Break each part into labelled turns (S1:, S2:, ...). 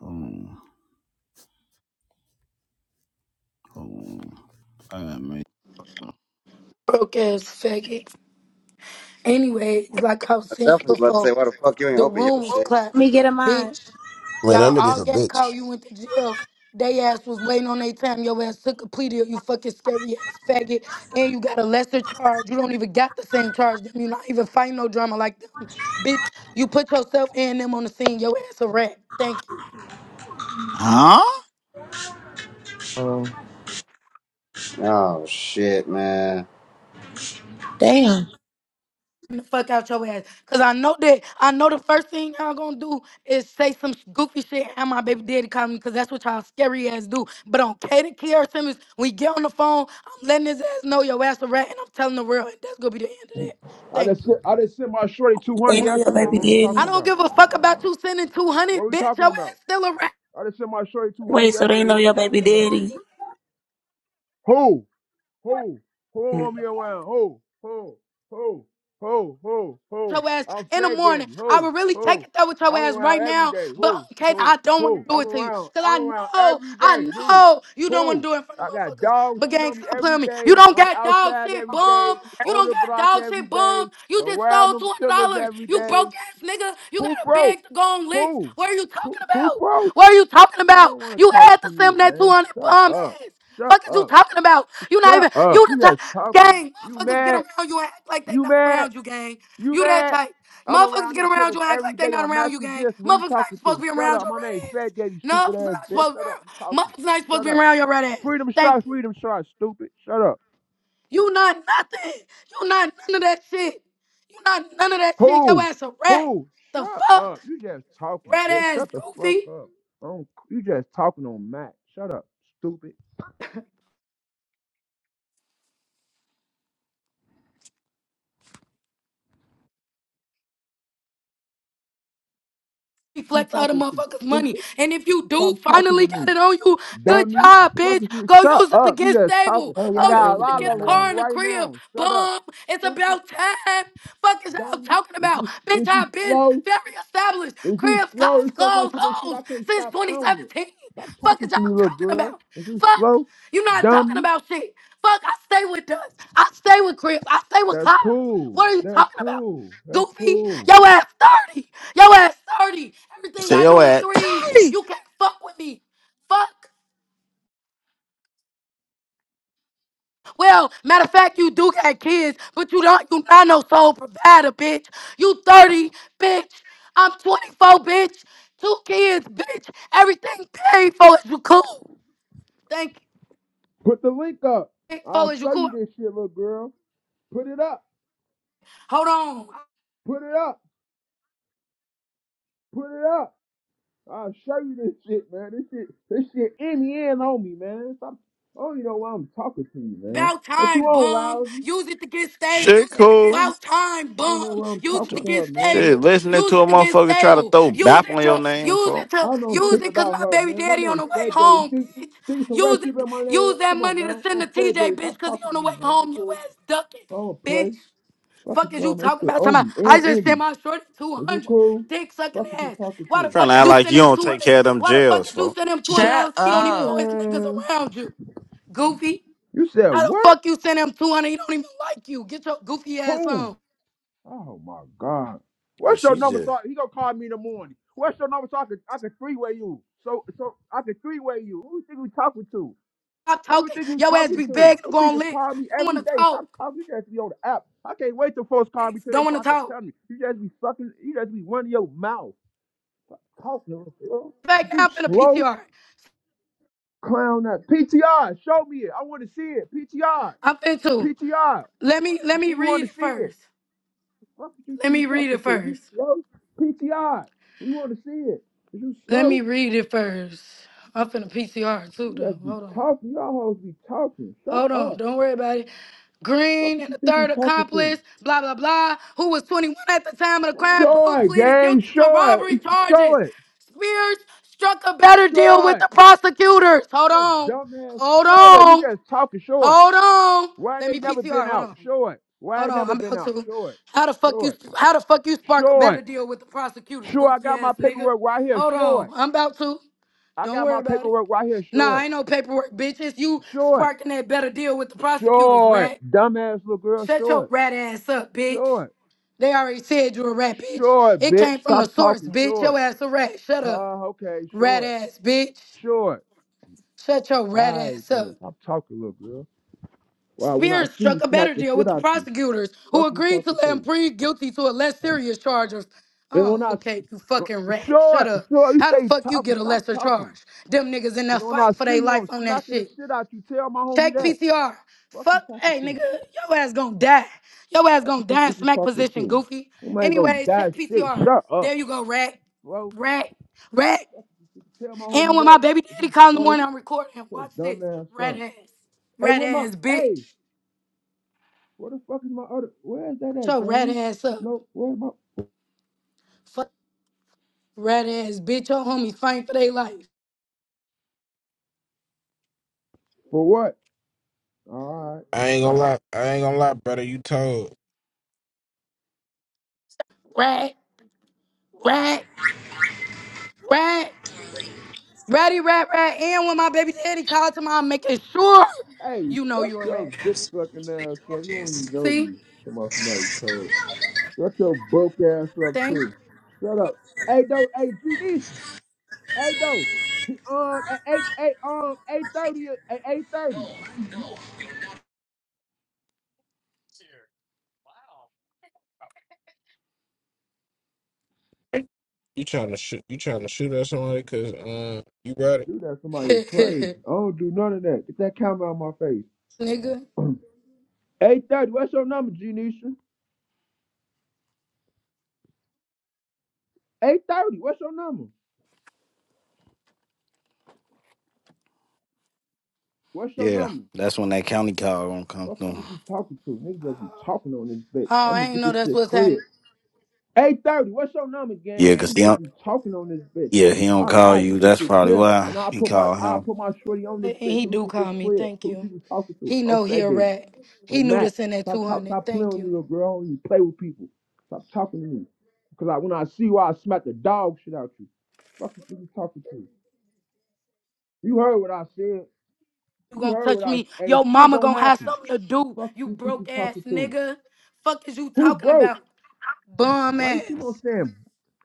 S1: Boom, boom. Uh, man.
S2: broke ass faggot. Anyway, it's like I was
S3: I
S2: saying
S3: definitely was about to
S2: before,
S3: say, why the fuck you ain't
S2: the
S3: open your
S2: room was
S3: shit?
S2: clapped.
S4: Let me get a mod.
S2: Bitch,
S5: Man, that
S2: y'all
S5: nigga's
S2: all
S5: a
S2: got
S5: bitch.
S2: caught. You went to jail. They ass was waiting on their time. Your ass took a plea deal, you fucking scary ass faggot. And you got a lesser charge. You don't even got the same charge. Them. you not even fighting no drama like them. Bitch, you put yourself and them on the scene. Your ass a rat. Thank you.
S1: Huh?
S6: Um,
S3: Oh shit, man.
S4: Damn.
S2: the fuck out your ass. Cause I know that I know the first thing y'all gonna do is say some sh- goofy shit and my baby daddy call me because that's what y'all scary ass do. But on Katie Kier Simmons, when you get on the phone, I'm letting his ass know your ass a rat and I'm telling the world and that's gonna be the end of that.
S7: I
S2: Thank
S7: just
S2: you.
S7: sent, I just sent my shorty two hundred
S8: They know your
S7: yesterday.
S8: baby
S7: What we
S8: daddy.
S7: talking
S2: I don't
S7: about?
S2: give a fuck about you sending 200,
S7: What we
S2: bitch. Your
S7: talking
S2: ass
S7: about?
S2: still a rat.
S7: I just sent my shorty two hundred
S8: Wait, so they
S7: yesterday.
S8: know
S7: What we
S8: your baby
S7: talking about?
S8: daddy.
S7: Who? Who? Who don't want me around? Who? Who? Who? Who? Who?
S2: with
S7: Who?
S2: your ass
S7: I'm
S2: in the
S7: fat
S2: morning.
S7: daddy.
S2: I
S7: Who?
S2: would really take
S7: Who?
S2: it there with your
S7: I'm
S2: ass
S7: around
S2: right
S7: every
S2: now.
S7: day.
S2: But
S7: Who?
S2: Kate,
S7: Who?
S2: I don't want to
S7: Who?
S2: do
S7: I'm
S2: it to you.
S7: around.
S2: Cause
S7: I'm
S2: I
S7: around
S2: know,
S7: every
S2: I
S7: day. Who?
S2: know you don't want
S7: Who?
S2: to do it in front of
S7: I got
S2: motherfuckers.
S7: dogs
S2: But
S7: shitting
S2: gang,
S7: on me
S2: stop
S7: every
S2: playing with me.
S7: day.
S2: You don't
S7: I'm
S2: got dog
S7: outside
S2: shit
S7: every day.
S2: bum. You
S7: On
S2: don't
S7: the
S2: got
S7: block
S2: dog
S7: every
S2: shit
S7: day.
S2: bum. You just
S7: Around
S2: stole
S7: them
S2: two hundred
S7: killers
S2: dollars.
S7: every
S2: You
S7: day.
S2: broke ass nigga. You got
S7: Who
S2: a
S7: broke?
S2: bag to go on licks.
S7: Who?
S2: What are you
S7: Who,
S2: talking
S7: who
S2: about?
S7: broke?
S2: What are you talking
S7: I
S2: about?
S7: don't want to
S2: You
S7: talk
S2: had
S7: to
S2: to
S7: you,
S2: send that two
S7: man.
S2: hundred
S7: Shut
S2: bum
S7: up.
S2: ass.
S7: Shut
S2: Fuck is you
S7: up.
S2: talking about? You not
S7: Shut
S2: even
S7: up.
S2: you the
S7: You
S2: type
S7: just talking.
S2: gang.
S7: You
S2: Motherfuckers get
S7: mad?
S2: around you and act like they
S7: You
S2: not
S7: mad?
S2: around you, gang.
S7: You
S2: You that
S7: mad?
S2: type.
S7: I'm
S2: Motherfuckers
S7: around
S2: get
S7: them
S2: around
S7: killers
S2: you and act
S7: every
S2: like they
S7: day
S2: not
S7: on
S2: around you,
S7: Matthew
S2: gang.
S7: Gibson.
S2: Motherfuckers
S7: Who
S2: not
S7: you talking
S2: even supposed
S7: to?
S2: to be
S7: Shut
S2: around
S7: up.
S2: your
S7: My
S2: red
S7: name
S2: ass.
S7: Fat Daddy,
S2: No,
S7: stupid
S2: it's
S7: ass
S2: not
S7: bitch.
S2: supposed to be
S7: Shut up. You
S2: around.
S7: talking.
S2: Motherfuckers not supposed
S7: Shut
S2: to be
S7: up.
S2: around your red ass.
S7: Freedom
S2: Thank
S7: shots,
S2: you.
S7: freedom shots, stupid. Shut up.
S2: You not nothing. You not none of that shit. You not none of that shit. Your
S7: Who?
S2: ass a rat.
S7: Who?
S2: The
S7: Shut
S2: fuck?
S7: up. You just talking,
S2: Red
S7: bitch.
S2: ass
S7: Shut the fuck
S2: goofy.
S7: up. I don't, you just talking on Matt. Shut up, stupid. you
S2: reflect other
S7: talking to?
S2: motherfuckers' money.
S7: Stupid.
S2: And if you do
S7: Stop talking to
S2: finally got
S7: me.
S2: it on you, good
S7: Dummy.
S2: job,
S7: Fuck
S2: bitch.
S7: you.
S2: Go
S7: Shut
S2: use it to
S7: up. You
S2: get
S7: just
S2: stable.
S7: talking.
S6: oh,
S7: I
S2: Go use
S6: y'all
S7: got a
S2: it to
S7: lot of
S6: irritate
S2: get a
S7: them on
S6: now.
S7: me
S2: car and a
S7: right
S2: crib.
S7: now. Shut up.
S2: Boom. It's
S7: Stupid.
S2: about time. Fuck is y'all
S7: Dummy.
S2: talking
S7: Is
S2: about?
S7: you
S2: Bitch,
S7: is you
S2: I've been
S7: slow?
S2: very established.
S7: Is you
S2: Cribs,
S7: slow?
S2: cars,
S7: It's so
S2: clothes,
S7: much of this shit
S2: hoes
S7: I can't
S2: since
S7: stop counting it.
S2: 2017.
S7: Stop
S2: Fuck
S7: talking
S2: is y'all
S7: to me, little
S2: talking
S7: girl.
S2: about?
S7: Is you
S2: Fuck.
S7: slow?
S2: you not talking
S7: Dummy.
S2: about shit. Fuck, I stay with us. I stay with cribs. I stay with
S7: That's
S2: cars.
S7: cool.
S2: What are you
S7: That's
S2: talking about?
S7: cool. That's
S2: Goofy,
S7: cool.
S2: yo ass 30. Yo ass 30. Everything
S1: say
S2: I
S1: yo
S2: do in
S1: at
S2: threes. You can't fuck with me. Fuck. Well, matter of fact, you do got kids, but you don't you not no sole provider, bitch. You 30, bitch. I'm 24, bitch. Two kids, bitch. Everything paid for is you cool. Thank you.
S7: Put the link up.
S2: Paid
S7: I'll
S2: for is you
S7: show you
S2: cool.
S7: this shit, little girl. Put it up.
S2: Hold on.
S7: Put it up. Put it up. I'll show you this shit, man. This shit, this shit in the end on me, man. Stop. I don't even know why I'm talking to you, man.
S2: About
S7: What you
S2: time,
S7: on,
S2: bum.
S7: lousy?
S2: Use it to get stable.
S1: shit
S7: I
S1: cool.
S2: About time,
S7: don't
S2: bum.
S7: know why I'm
S2: Use it
S7: talking
S2: to
S7: to
S2: get
S7: her, man.
S2: stable.
S1: Shit, listening
S2: Use
S1: to a
S2: it to get
S1: motherfucker try to
S2: stable.
S1: throw
S2: Use
S1: bap
S2: it
S1: on your
S2: to
S1: name,
S2: use it
S1: folks.
S2: to
S7: I don't
S2: use
S7: think
S2: it cause
S7: about
S2: my
S7: her,
S2: baby
S7: man. My
S2: daddy on
S7: name's
S2: the way
S7: Fat Daddy. You
S2: home,
S7: Think,
S2: bitch.
S7: think some rap
S2: Use
S7: shit
S2: it,
S7: about my name?
S2: use that
S7: Come on
S2: money to
S7: now.
S2: send to
S7: I'm Fat
S2: TJ,
S7: Daddy.
S2: bitch,
S7: Stop
S2: cause he
S7: talking
S2: on
S7: to
S2: the
S7: me,
S2: way
S7: man. Is You
S2: home. Your
S7: cool?
S2: ass ducking,
S7: I don't play.
S2: bitch.
S7: Fuck is
S2: Fuck is
S7: you
S2: you
S7: on that
S2: talking
S7: shit
S2: about? Talking about
S7: on me
S2: I
S7: and
S2: just
S7: in
S2: sent my shorty
S7: Is you
S2: 200.
S7: cool?
S2: Dick sucking
S7: Fuck is you
S2: ass.
S7: talking
S2: Why the
S7: to?
S1: Trying
S2: fuck
S1: to
S2: did
S1: act
S2: you
S1: like
S2: send
S1: you
S2: him
S1: don't take
S2: 200?
S1: care of them
S2: Why the fuck
S1: jails,
S2: did you
S1: folks.
S2: send him
S9: Shut
S2: $200? He don't even
S9: up.
S2: want his niggas
S7: Man.
S2: around you. Goofy.
S7: You said
S2: How the
S7: what?
S2: fuck you send him 200? He don't even like you. Get your goofy ass
S7: Who?
S2: on.
S7: Oh my God.
S1: Yeah,
S7: What's your
S1: she's
S7: number?
S1: just
S7: So he gonna call me in the morning. What's your number so I could I could three way you? So so I could three way you. Who you think we talking to?
S2: Stop
S7: Who you
S2: talking.
S7: think you
S2: Your ass
S7: talking
S2: be
S7: to?
S2: begging to
S7: Them
S2: go on
S7: people
S2: licks.
S7: call me
S2: Don't
S7: every
S2: want to
S7: day. Stop
S2: talk.
S7: talking. You just be on the app. I can't wait till folks call
S2: Licks.
S7: me today
S2: Don't
S7: so
S2: want to
S7: I can
S2: talk.
S7: tell me. You just be sucking. You just be running your mouth talking. Bro.
S2: Back now,
S7: You
S2: I'm finna
S7: slow
S2: PTR.
S7: clown. That PTR. Show me it. I want to see it. PTR.
S2: I'm finna too.
S7: PTR.
S2: Let me let
S7: We,
S2: me
S7: we
S2: read
S7: want to
S2: it
S7: see it.
S2: first.
S7: What fuck you
S2: Let
S7: think
S2: me
S7: you're
S2: read
S7: talking
S2: it
S7: to? Is you
S2: first.
S7: slow? PTI. We want to see it. Is you
S2: Let
S7: slow?
S2: me read it first. I'm finna PCR too
S7: You guys
S2: though.
S7: be
S2: Hold on.
S7: talking. Y'all hoes be talking. Shut
S2: Hold on,
S7: up.
S2: don't worry about it.
S7: What
S2: Green
S7: fuck
S2: and
S7: you
S2: the
S7: think you're
S2: third
S7: talking to?
S2: accomplice, blah, blah, blah, who was 21 at the time of the crime,
S7: Show
S2: both
S7: it,
S2: pleaded
S7: gang.
S2: guilty to
S7: Show
S2: robbery
S7: it. Show
S2: charges.
S7: it.
S2: Spears struck a better deal
S7: Show
S2: with the
S7: it.
S2: prosecutors. Hold
S7: Show
S2: on,
S7: dumb ass.
S2: hold
S7: Show it. You
S2: on,
S7: guys talking. Show it.
S2: hold on.
S7: Why
S2: Let
S7: they
S2: me
S7: never been
S2: PTR, hold
S7: out?
S2: on,
S7: Show it. Why I
S2: hold on,
S7: never
S2: I'm
S7: been
S2: about
S7: out?
S2: to.
S7: Show it.
S2: How the fuck
S7: Show
S2: you,
S7: it.
S2: how the fuck you spark a
S7: Show
S2: better
S7: it.
S2: deal with the prosecutors,
S7: Sure, I
S2: goofy
S7: got my
S2: ass nigga?
S7: paperwork right here.
S2: Hold
S7: Show
S2: on,
S7: it.
S2: I'm about to.
S7: I
S2: Don't
S7: got my
S2: worry about it.
S7: paperwork right here. Show
S2: Nah,
S7: it.
S2: ain't no paperwork, bitch. It's you
S7: Show it.
S2: sparking that better deal with the prosecutors,
S7: Short.
S2: rat.
S7: Dumbass little girl,
S2: Shut your
S7: short.
S2: rat ass up, bitch.
S7: Short.
S2: They already said you a rat, bitch.
S7: Short,
S2: It
S7: bitch.
S2: came from the
S7: Stop
S2: source,
S7: talking,
S2: bitch. Your
S7: short.
S2: ass a rat. Shut up,
S7: Huh? okay,
S2: rat
S7: short.
S2: ass, bitch.
S7: Short.
S2: Shut your rat
S7: Alright
S2: ass up.
S7: then. Stop talking, little girl. Wow, when I
S2: Spears
S7: see
S2: struck
S7: you,
S2: a
S7: smack
S2: better
S7: the
S2: deal
S7: shit
S2: with the
S7: out you.
S2: prosecutors,
S7: Fuck
S2: who
S7: you
S2: agreed to
S7: talking
S2: let him
S7: to?
S2: plead guilty to a less serious charge of.
S7: And when
S2: Oh,
S7: I
S2: okay, you
S7: s-
S2: fucking rat. Shut
S7: short,
S2: up.
S7: short, you
S2: How the
S7: stay
S2: fuck you
S7: talking,
S2: get a
S7: stop
S2: lesser
S7: talking.
S2: charge? Them niggas in there
S7: Cause when
S2: fighting
S7: I
S2: for
S7: see
S2: their
S7: you,
S2: life
S7: I'm
S2: on that
S7: smacking the
S2: shit.
S7: shit out you. Tell my homie
S2: Check
S7: that.
S2: PCR.
S7: Fuck you
S2: Fuck,
S7: talking
S2: hey
S7: to?
S2: nigga, your ass gonna die. Your ass
S7: Fuck
S2: gonna
S7: you
S2: die in
S7: think you
S2: smack
S7: talking
S2: position,
S7: to?
S2: goofy.
S7: Somebody gonna
S2: Anyways, check
S7: die shit.
S2: PCR.
S7: Shut up,
S2: There you go, rat,
S7: bro.
S2: rat, rat.
S7: You can tell my
S2: And
S7: homie
S2: when my
S7: that.
S2: baby
S7: If
S2: daddy
S7: you
S2: calls in the
S7: bro,
S2: morning, I'm recording him.
S7: your
S2: Watch this,
S7: dumbass
S2: rat
S7: son.
S2: ass,
S7: Hey,
S2: rat
S7: where my
S2: ass
S7: hey?
S2: bitch.
S7: Where the fuck is my other where is that
S2: Shut
S7: at,
S2: your rat
S7: gang?
S2: ass up.
S7: No, where my
S2: Fuck rat ass bitch. Your homies fighting for their life.
S7: For what? Alright.
S10: I ain't gonna lie. I ain't gonna lie, brother. You told
S2: Rat, rat, rat, ratty, rat, rat. And when my baby daddy calls tomorrow, I'm making sure
S7: Hey,
S2: you know
S7: shut
S2: you're a
S7: your
S2: rat.
S7: dick sucking ass up. You don't even know
S2: See,
S7: me. Come on, somebody's told. Shut your broke ass up
S2: thank.
S7: too. Shut up. Hey though, hey G D. Hey though. Um at eight eight um eight thirty at eight thirty.
S11: here. Wow.
S10: you trying to shoot. You trying to shoot at somebody because uh, you brought it.
S7: Do that somebody is crazy. I don't do none of that. Get that camera out of my face.
S2: nigga.
S7: 830, what's your number, Genisha? 830, what's your number? What's your
S1: yeah.
S7: number?
S1: That's when that county call gonna come
S7: Fuck you
S1: through.
S7: think you talking to? Niggas just be talking on this bitch.
S2: Oh,
S7: I'm gonna
S2: I ain't
S7: get
S2: know
S7: this
S2: that's
S7: shit
S2: what's
S7: clear.
S2: happening.
S7: 830, what's your number, gang?
S1: Yeah, cause
S7: Niggas
S1: he
S7: just
S1: don't.
S7: be talking on this bitch.
S1: Yeah, he don't
S7: I
S1: call
S7: I get
S1: you.
S7: this
S1: That's
S7: shit
S1: probably
S7: clear
S1: why
S7: and I
S1: he
S7: put my
S1: called
S7: I
S1: him.
S7: put my shorty on this
S2: And
S7: bitch.
S2: he
S7: So we
S2: do
S7: get this
S2: call me.
S7: clear.
S2: Thank
S7: Who
S2: you.
S7: you talking to?
S2: He
S7: I'm
S2: know he
S7: Fat
S2: a
S7: Daddy.
S2: rat. He
S7: I'm
S2: knew
S7: Mac.
S2: this in that
S7: Stop talking.
S2: 200.
S7: Stop playing
S2: Thank
S7: with me,
S2: you.
S7: little girl. You play with people. Stop talking to me. Cause I, when I see you, I smack the dog shit out you. Fuck you think you talking to? You heard what I said.
S2: You
S7: You
S2: gonna
S7: heard what
S2: touch
S7: I was
S2: me.
S7: ain't
S2: Your
S7: shit
S2: mama
S7: gonna
S2: gonna have
S7: happen.
S2: something to do,
S7: Fuck
S2: you
S7: you think you
S2: broke ass
S7: talking to?
S2: nigga. Fuck is you
S7: Who
S2: talking
S7: broke?
S2: about? Bum
S7: Why you keep on
S2: ass.
S7: saying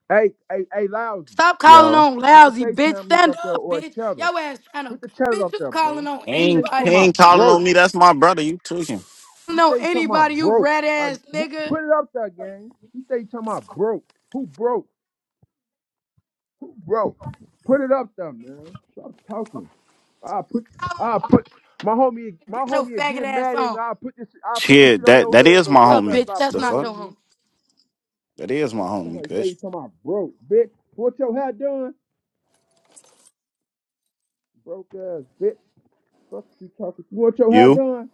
S7: hey hey hey lousy?
S2: Stop calling
S1: Yo,
S2: on
S7: Put the
S2: lousy bitch.
S7: FaceTime link
S2: Stand
S7: up there
S2: up,
S7: or
S2: bitch.
S7: cheddar.
S2: Your ass trying to
S7: Put the cheddar
S2: bitch,
S7: up
S2: you
S7: there,
S2: calling
S7: bro.
S2: on
S1: he
S7: You stay
S1: ain't he
S7: talking
S2: anybody, bitch.
S7: about
S1: ain't calling
S7: broke.
S1: on me. That's my brother. You took him.
S2: You
S7: You
S2: know
S7: stay talking about
S2: anybody, you
S7: broke.
S2: rat
S7: I
S2: ass
S7: who,
S2: nigga.
S7: put it up there, gang. You stay talking about broke. Who broke? Who broke? Put it up there, man. Stop talking. I put I put my homie my
S2: Get your
S7: homie will
S2: faggot
S7: get
S2: ass
S7: mad at me.
S2: on.
S7: i put this i put this shit
S1: Shit,
S7: on
S1: that
S7: your
S1: that
S7: head,
S1: is
S7: little
S1: my
S2: Fuck
S7: girl. You
S2: up,
S7: better
S1: homie.
S2: bitch.
S1: What
S7: stop
S2: That's
S1: The
S2: not
S1: fuck?
S7: playing with
S2: your
S7: me.
S2: home.
S1: That is my
S7: Fuck
S1: homie,
S7: somebody
S1: Kush.
S7: say somebody broke, bitch. Want your hair done? Broke ass bitch. Fuck you talking. You want your hair
S1: You?
S7: done?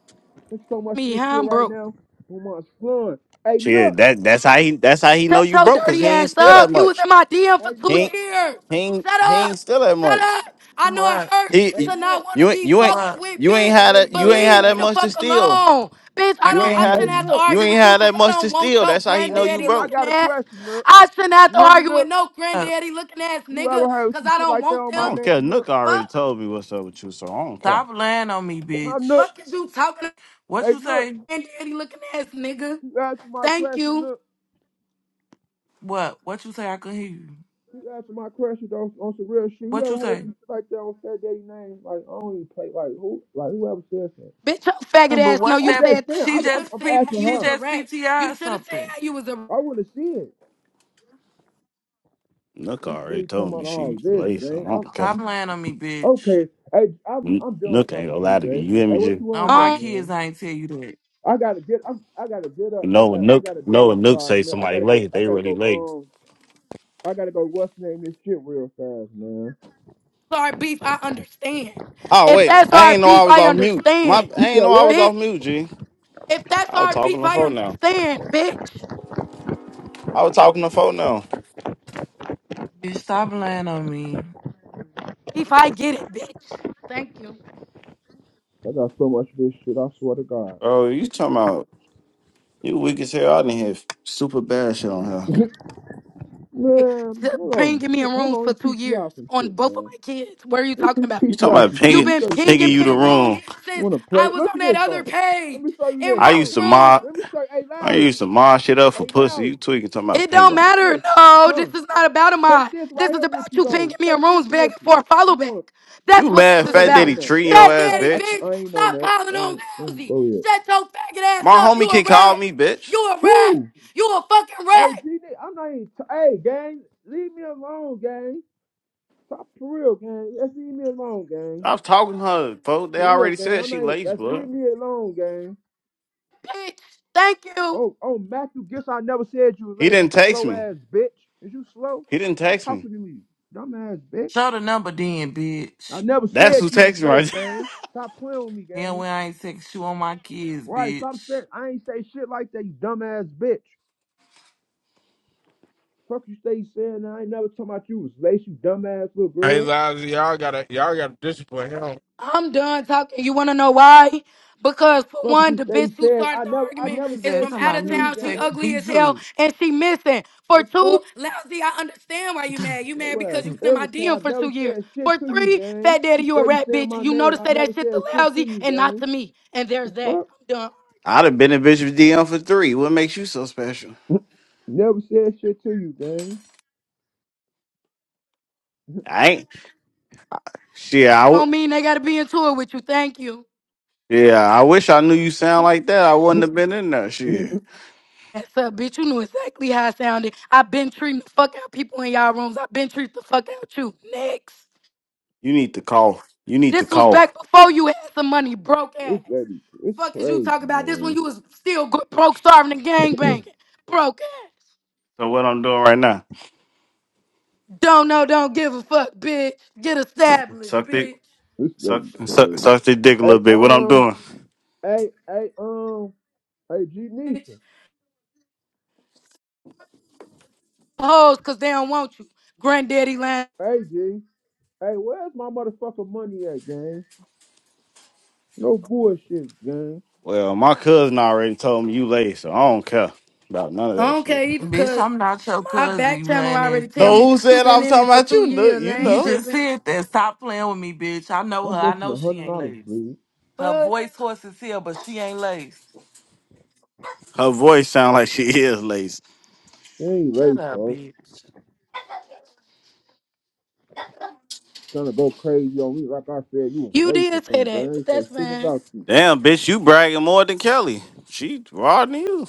S7: There's so much of
S2: Me,
S7: this
S2: huh?
S7: shit
S2: I'm
S7: right
S2: broke.
S7: now. Who wants fun? Hey
S1: Shit,
S7: Nook!
S1: that that's how he that's how he know
S2: Shut
S1: you
S2: your
S1: broke, cause
S2: dirty
S1: he ain't
S2: ass
S1: steal that
S2: up. You was
S1: much.
S2: in my DM
S7: Hey
S2: for
S1: He
S2: two
S1: ain't
S7: Nook!
S2: years.
S1: he ain't,
S2: Shut
S1: he
S2: up.
S1: ain't steal that
S2: Shut
S1: much.
S2: up. I know it
S9: What?
S2: hurt
S1: He,
S7: Hey
S1: he-
S2: to not
S7: Nook!
S2: want to
S1: you ain't
S2: be
S1: you ain't
S2: fucked
S9: What?
S2: with,
S1: you ain't
S2: bitch.
S1: had
S7: Hey
S1: that
S2: But
S1: you ain't
S2: leave
S1: had
S2: me
S1: that
S7: girl.
S2: the
S1: much to
S2: fuck
S1: steal.
S2: alone. Bitch, I
S9: I
S1: You
S2: don't
S1: ain't
S9: can't
S2: I
S9: hear
S7: Hey
S1: had
S2: shouldn't have
S9: you.
S2: to
S7: Nook.
S1: you
S2: argue
S1: ain't
S2: with you
S1: had
S2: because
S1: that
S2: I
S1: much to
S2: don't want
S1: steal.
S2: your
S1: That's how he
S7: Hey
S1: know you
S2: granddaddy
S7: Nook, I
S1: broke.
S2: looking
S7: got a
S2: ass.
S7: question, Nook.
S2: I shouldn't have
S7: You
S2: to
S7: hear me,
S2: argue with
S7: Nook?
S2: no
S9: Up.
S2: granddaddy looking ass
S7: You ever
S2: nigga
S7: heard
S2: because
S7: some
S2: I
S7: shit
S2: don't
S7: like that
S2: want
S7: on
S1: I
S7: my
S2: them.
S1: don't
S7: name,
S1: care.
S7: Nook?
S1: Nook already
S2: Fuck.
S1: told me what's up with you, so I don't care.
S9: Stop laying on me,
S7: Huh, Nook?
S9: bitch.
S2: Fuck is you talking to
S9: What
S7: Hey
S9: you
S7: Nook,
S9: say?
S2: granddaddy looking ass nigga?
S7: you answer my
S2: Thank
S7: question,
S2: you.
S7: Nook.
S9: What? What you say? I can hear you.
S7: You answer my question though on some real shit. You
S9: What you
S7: ever heard
S9: say?
S7: some shit like that on Fat Daddy name? Like I don't even play like who like whoever says that.
S2: Bitch, your faggot
S9: But
S2: ass know
S9: what's
S7: I'm
S2: you
S9: that?
S7: just
S2: said
S7: saying,
S2: that.
S9: She
S7: I'm,
S2: You should
S7: I'm,
S2: have
S9: just
S7: I'm
S2: said
S9: pre.
S2: how
S7: asking
S2: you
S9: She
S2: was
S7: her.
S2: a
S9: just
S2: rat. You
S9: PTI
S2: should have said
S9: something.
S2: how you was a
S7: I wanna see it.
S1: Nook
S7: We
S1: already
S7: stay talking
S1: told me
S7: about all
S1: she
S7: this,
S1: lazy, so I
S7: gang. I'm
S1: don't care.
S9: Stop lying on me, bitch.
S7: okay. Hey, I'm
S1: N-
S7: I'm done
S1: Nook ain't
S7: talking
S1: gonna
S7: to you,
S1: lie to me.
S7: gang.
S1: You hear
S7: Hey,
S1: me,
S7: what
S1: G?
S7: you
S9: All
S7: want though,
S9: my
S2: um
S9: kids
S7: man?
S9: I ain't tell you that.
S7: I gotta get I'm, I gotta get
S1: You
S7: up. I
S1: know when
S7: got I
S1: Nook,
S7: got a
S1: you
S7: day
S1: know
S7: to
S1: when Nook
S7: start,
S1: say
S7: man. I
S1: somebody
S7: gotta go
S1: late,
S7: I
S1: they
S7: gotta
S1: really
S7: go
S1: late.
S7: um I gotta go what's name this shit real fast, man.
S2: our beef, I understand.
S1: Oh
S2: If
S1: wait,
S2: that's
S1: I
S2: our
S1: ain't know I
S2: beef,
S1: was
S2: I
S1: off mute. My
S2: understand.
S7: You
S1: I
S7: said
S1: ain't know I was
S7: what?
S1: off
S2: Bitch.
S1: mute, G.
S2: If that's
S1: I was
S2: our
S1: talking
S2: beef,
S1: on the
S2: I
S1: phone now.
S2: understand, bitch.
S1: I was talking on the phone now.
S9: Bitch, stop lying on me.
S2: If I get it, bitch. Thank you.
S7: I got so much of this shit, I swear to God.
S1: Bro, you talking about you weak as hell I didn't have Super bad shit on her.
S2: Eh,
S7: Man,
S2: t-
S7: hold on.
S2: Pinging
S7: She,
S2: me in
S7: hold
S2: rooms
S7: on.
S2: for
S7: Let me
S2: two years
S7: PTR some
S2: on
S7: shit,
S2: both of
S7: man.
S2: my kids. What are you
S7: Let
S2: talking
S7: me
S2: about?
S7: P-
S1: You talking
S7: PTR
S1: about
S7: some shit. Let
S2: You've
S1: pinging
S7: me show
S2: been
S7: you some
S1: pinging
S2: pinging
S7: shit,
S1: you
S2: me
S1: the
S2: in
S7: man.
S2: rooms
S1: room.
S7: You
S2: since
S7: wanna play?
S2: I was
S7: Look
S2: on
S7: at
S2: that
S7: this,
S2: other
S7: though. Let
S2: page
S7: me show you
S2: in
S7: this,
S1: I
S2: Ross
S1: used
S7: though.
S1: to
S2: room.
S1: mod
S7: Let me show you. Hey,
S1: I
S7: Lousy.
S1: used to mod shit up for
S7: Hey,
S1: pussy.
S7: Lousy.
S1: You tweaking talking about
S2: It don't
S1: pinging.
S7: Watch
S2: matter.
S7: this.
S2: No,
S7: Huh.
S2: this is not about a
S7: Take
S2: mind.
S7: this right
S2: This is
S7: here with
S2: about
S7: you,
S2: you
S7: though.
S2: pinging me in
S7: Take this
S2: rooms
S7: with
S2: begging
S7: you.
S2: for a follow
S7: This
S2: back.
S7: wanna?
S1: You
S2: That's what this
S1: mad
S7: I
S2: is
S1: fat
S7: ain't
S2: about.
S7: on
S1: daddy
S7: that.
S1: treating
S7: That's
S1: your
S7: my.
S2: Fat
S1: ass,
S7: I
S2: daddy
S1: bitch.
S2: bitch,
S7: I, I ain't on
S2: stop
S7: that. I
S2: calling on
S7: ain't, I ain't
S2: Rousey.
S7: go ahead.
S2: Shut your faggot ass
S1: My
S2: up.
S1: homie
S2: You a
S1: can call
S2: rat.
S1: me, bitch.
S2: You a rat.
S7: Who?
S2: You a fucking
S7: Hey,
S2: rat,
S7: G, I'm not even. T- hey, gang. Leave me alone, gang. Stop for real, gang. Just leave me alone, gang.
S1: I was talking to her, folks. They
S7: For real,
S1: already
S7: gang.
S1: said
S7: I'm
S1: she
S7: not.
S1: laced,
S7: That's leave
S1: blood.
S7: me alone, gang.
S2: bitch. Thank you.
S7: Oh, oh, Matthew. Guess I never said you was
S1: He
S7: late. You
S1: didn't text
S7: slow
S1: me.
S7: ass bitch. Is you slow?
S1: He didn't
S7: Stop
S1: text me.
S7: talking to me, dumb ass bitch.
S9: Show the number then,
S7: I
S9: bitch.
S7: never
S1: That's
S7: said
S1: who
S7: you was
S1: texted me
S7: late,
S1: right
S7: gang. Stop playing with me,
S9: Then
S7: gang.
S9: when I ain't text you on my kids,
S7: Right? Stop
S9: bitch.
S7: saying I ain't say shit like that. You dumb ass bitch. Fuck you stay saying I ain't never talking about you was late. You dumb ass little
S10: Hey,
S7: girl.
S10: lives, y'all gotta y'all gotta discipline him.
S2: I'm done talking. You want to know why? Because for
S7: Fuck
S2: one,
S7: you
S2: the
S7: stay
S2: bitch who
S7: saying
S2: started
S7: I
S2: the
S7: never I
S2: argument
S9: Who
S7: never
S9: is
S2: is
S9: that?
S7: said
S2: from out
S7: shit
S9: Somebody
S2: of
S7: to
S9: new
S7: you,
S2: town. She
S9: text
S7: gang.
S2: ugly
S9: me
S2: as hell
S9: too.
S2: and she missing. For
S7: The fuck?
S2: two, lousy. I understand why you mad. You mad
S7: Your ass.
S2: because you been in my
S7: Everything. I
S2: DM for two
S7: never
S2: years.
S7: said shit
S2: For
S7: to you,
S2: three,
S7: gang.
S2: fat daddy,
S7: You
S2: you a
S7: steady
S2: rat
S7: saying
S2: bitch.
S7: my
S2: You know
S7: name.
S2: to
S7: I
S2: say
S7: never
S2: that shit to
S7: said shit to
S2: lousy
S7: you,
S2: and not
S7: gang.
S2: to me. And there's that.
S7: Fuck.
S2: I'm done.
S1: I'd have been a bitch with DM for three. What makes you so special?
S7: Never said shit to you, gang.
S1: I ain't. Shit, I
S2: I
S1: w-
S2: don't mean they gotta be in tour with you. Thank you.
S1: yeah, I wish I knew you sound like that. I wouldn't have been in there. Shit,
S2: That's up, bitch. You knew exactly how I sounded. I've been treating the fuck out people in y'all rooms. I've been treating the fuck out you. Next.
S1: you need to call. You need to
S2: This was
S1: call.
S2: back before you had some money, broke ass.
S7: this lady, it's
S2: Fuck is you
S7: crazy,
S2: talking about? This when
S7: man.
S2: you was still go- broke, starving, and gang banging, broke ass.
S1: So what I'm doing right now?
S2: Don't know, don't give a fuck, bitch. Get established,
S1: Suck the
S2: bitch.
S7: This
S1: suck
S7: lady
S1: suck
S7: crazy.
S1: suck the dick a little
S7: Hey,
S1: bit. What I'm
S7: um,
S1: doing?
S7: hey, hey, um, hey, G
S2: bitch.
S7: Nisha.
S2: Hoes, cause they don't want you. Granddaddy line.
S7: Hey, G. Hey, where's my motherfucking money at, gang? No bullshit, gang.
S1: Well, my cousin already told me you late, so I don't care about none of
S2: I
S1: that
S2: don't care
S1: shit.
S2: either,
S9: Bitch,
S2: cause
S9: I'm not your
S2: my
S9: cousin,
S2: back
S9: you
S2: channel
S9: lying ass
S2: already tell me
S1: So who
S2: that
S9: bitch.
S2: you
S1: said I
S2: been
S1: was
S2: in
S1: talking
S2: it for
S1: about
S2: two
S1: you? Look,
S2: years.
S1: you
S2: I
S9: You
S2: ain't
S1: know.
S9: just
S2: tripping.
S9: said that. Stop playing with me, bitch. I know her.
S7: I'm
S9: I
S7: missing
S9: know
S7: a
S9: she
S7: hundred
S9: ain't
S7: dollars,
S9: laced.
S7: please.
S9: Her
S2: Fuck.
S9: voice horse is here, but she ain't laced.
S1: Her voice sound like she is lazy.
S7: Hey,
S9: Shut up,
S7: late,
S9: bitch.
S7: trying to go crazy on me like I said you was
S2: You
S7: waste or
S2: did say
S7: something. gang.
S2: that,
S7: I
S2: but
S7: ain't
S2: that's
S7: say shit
S2: fine.
S7: about you.
S1: Damn, bitch, you bragging more than Kelly. She than you.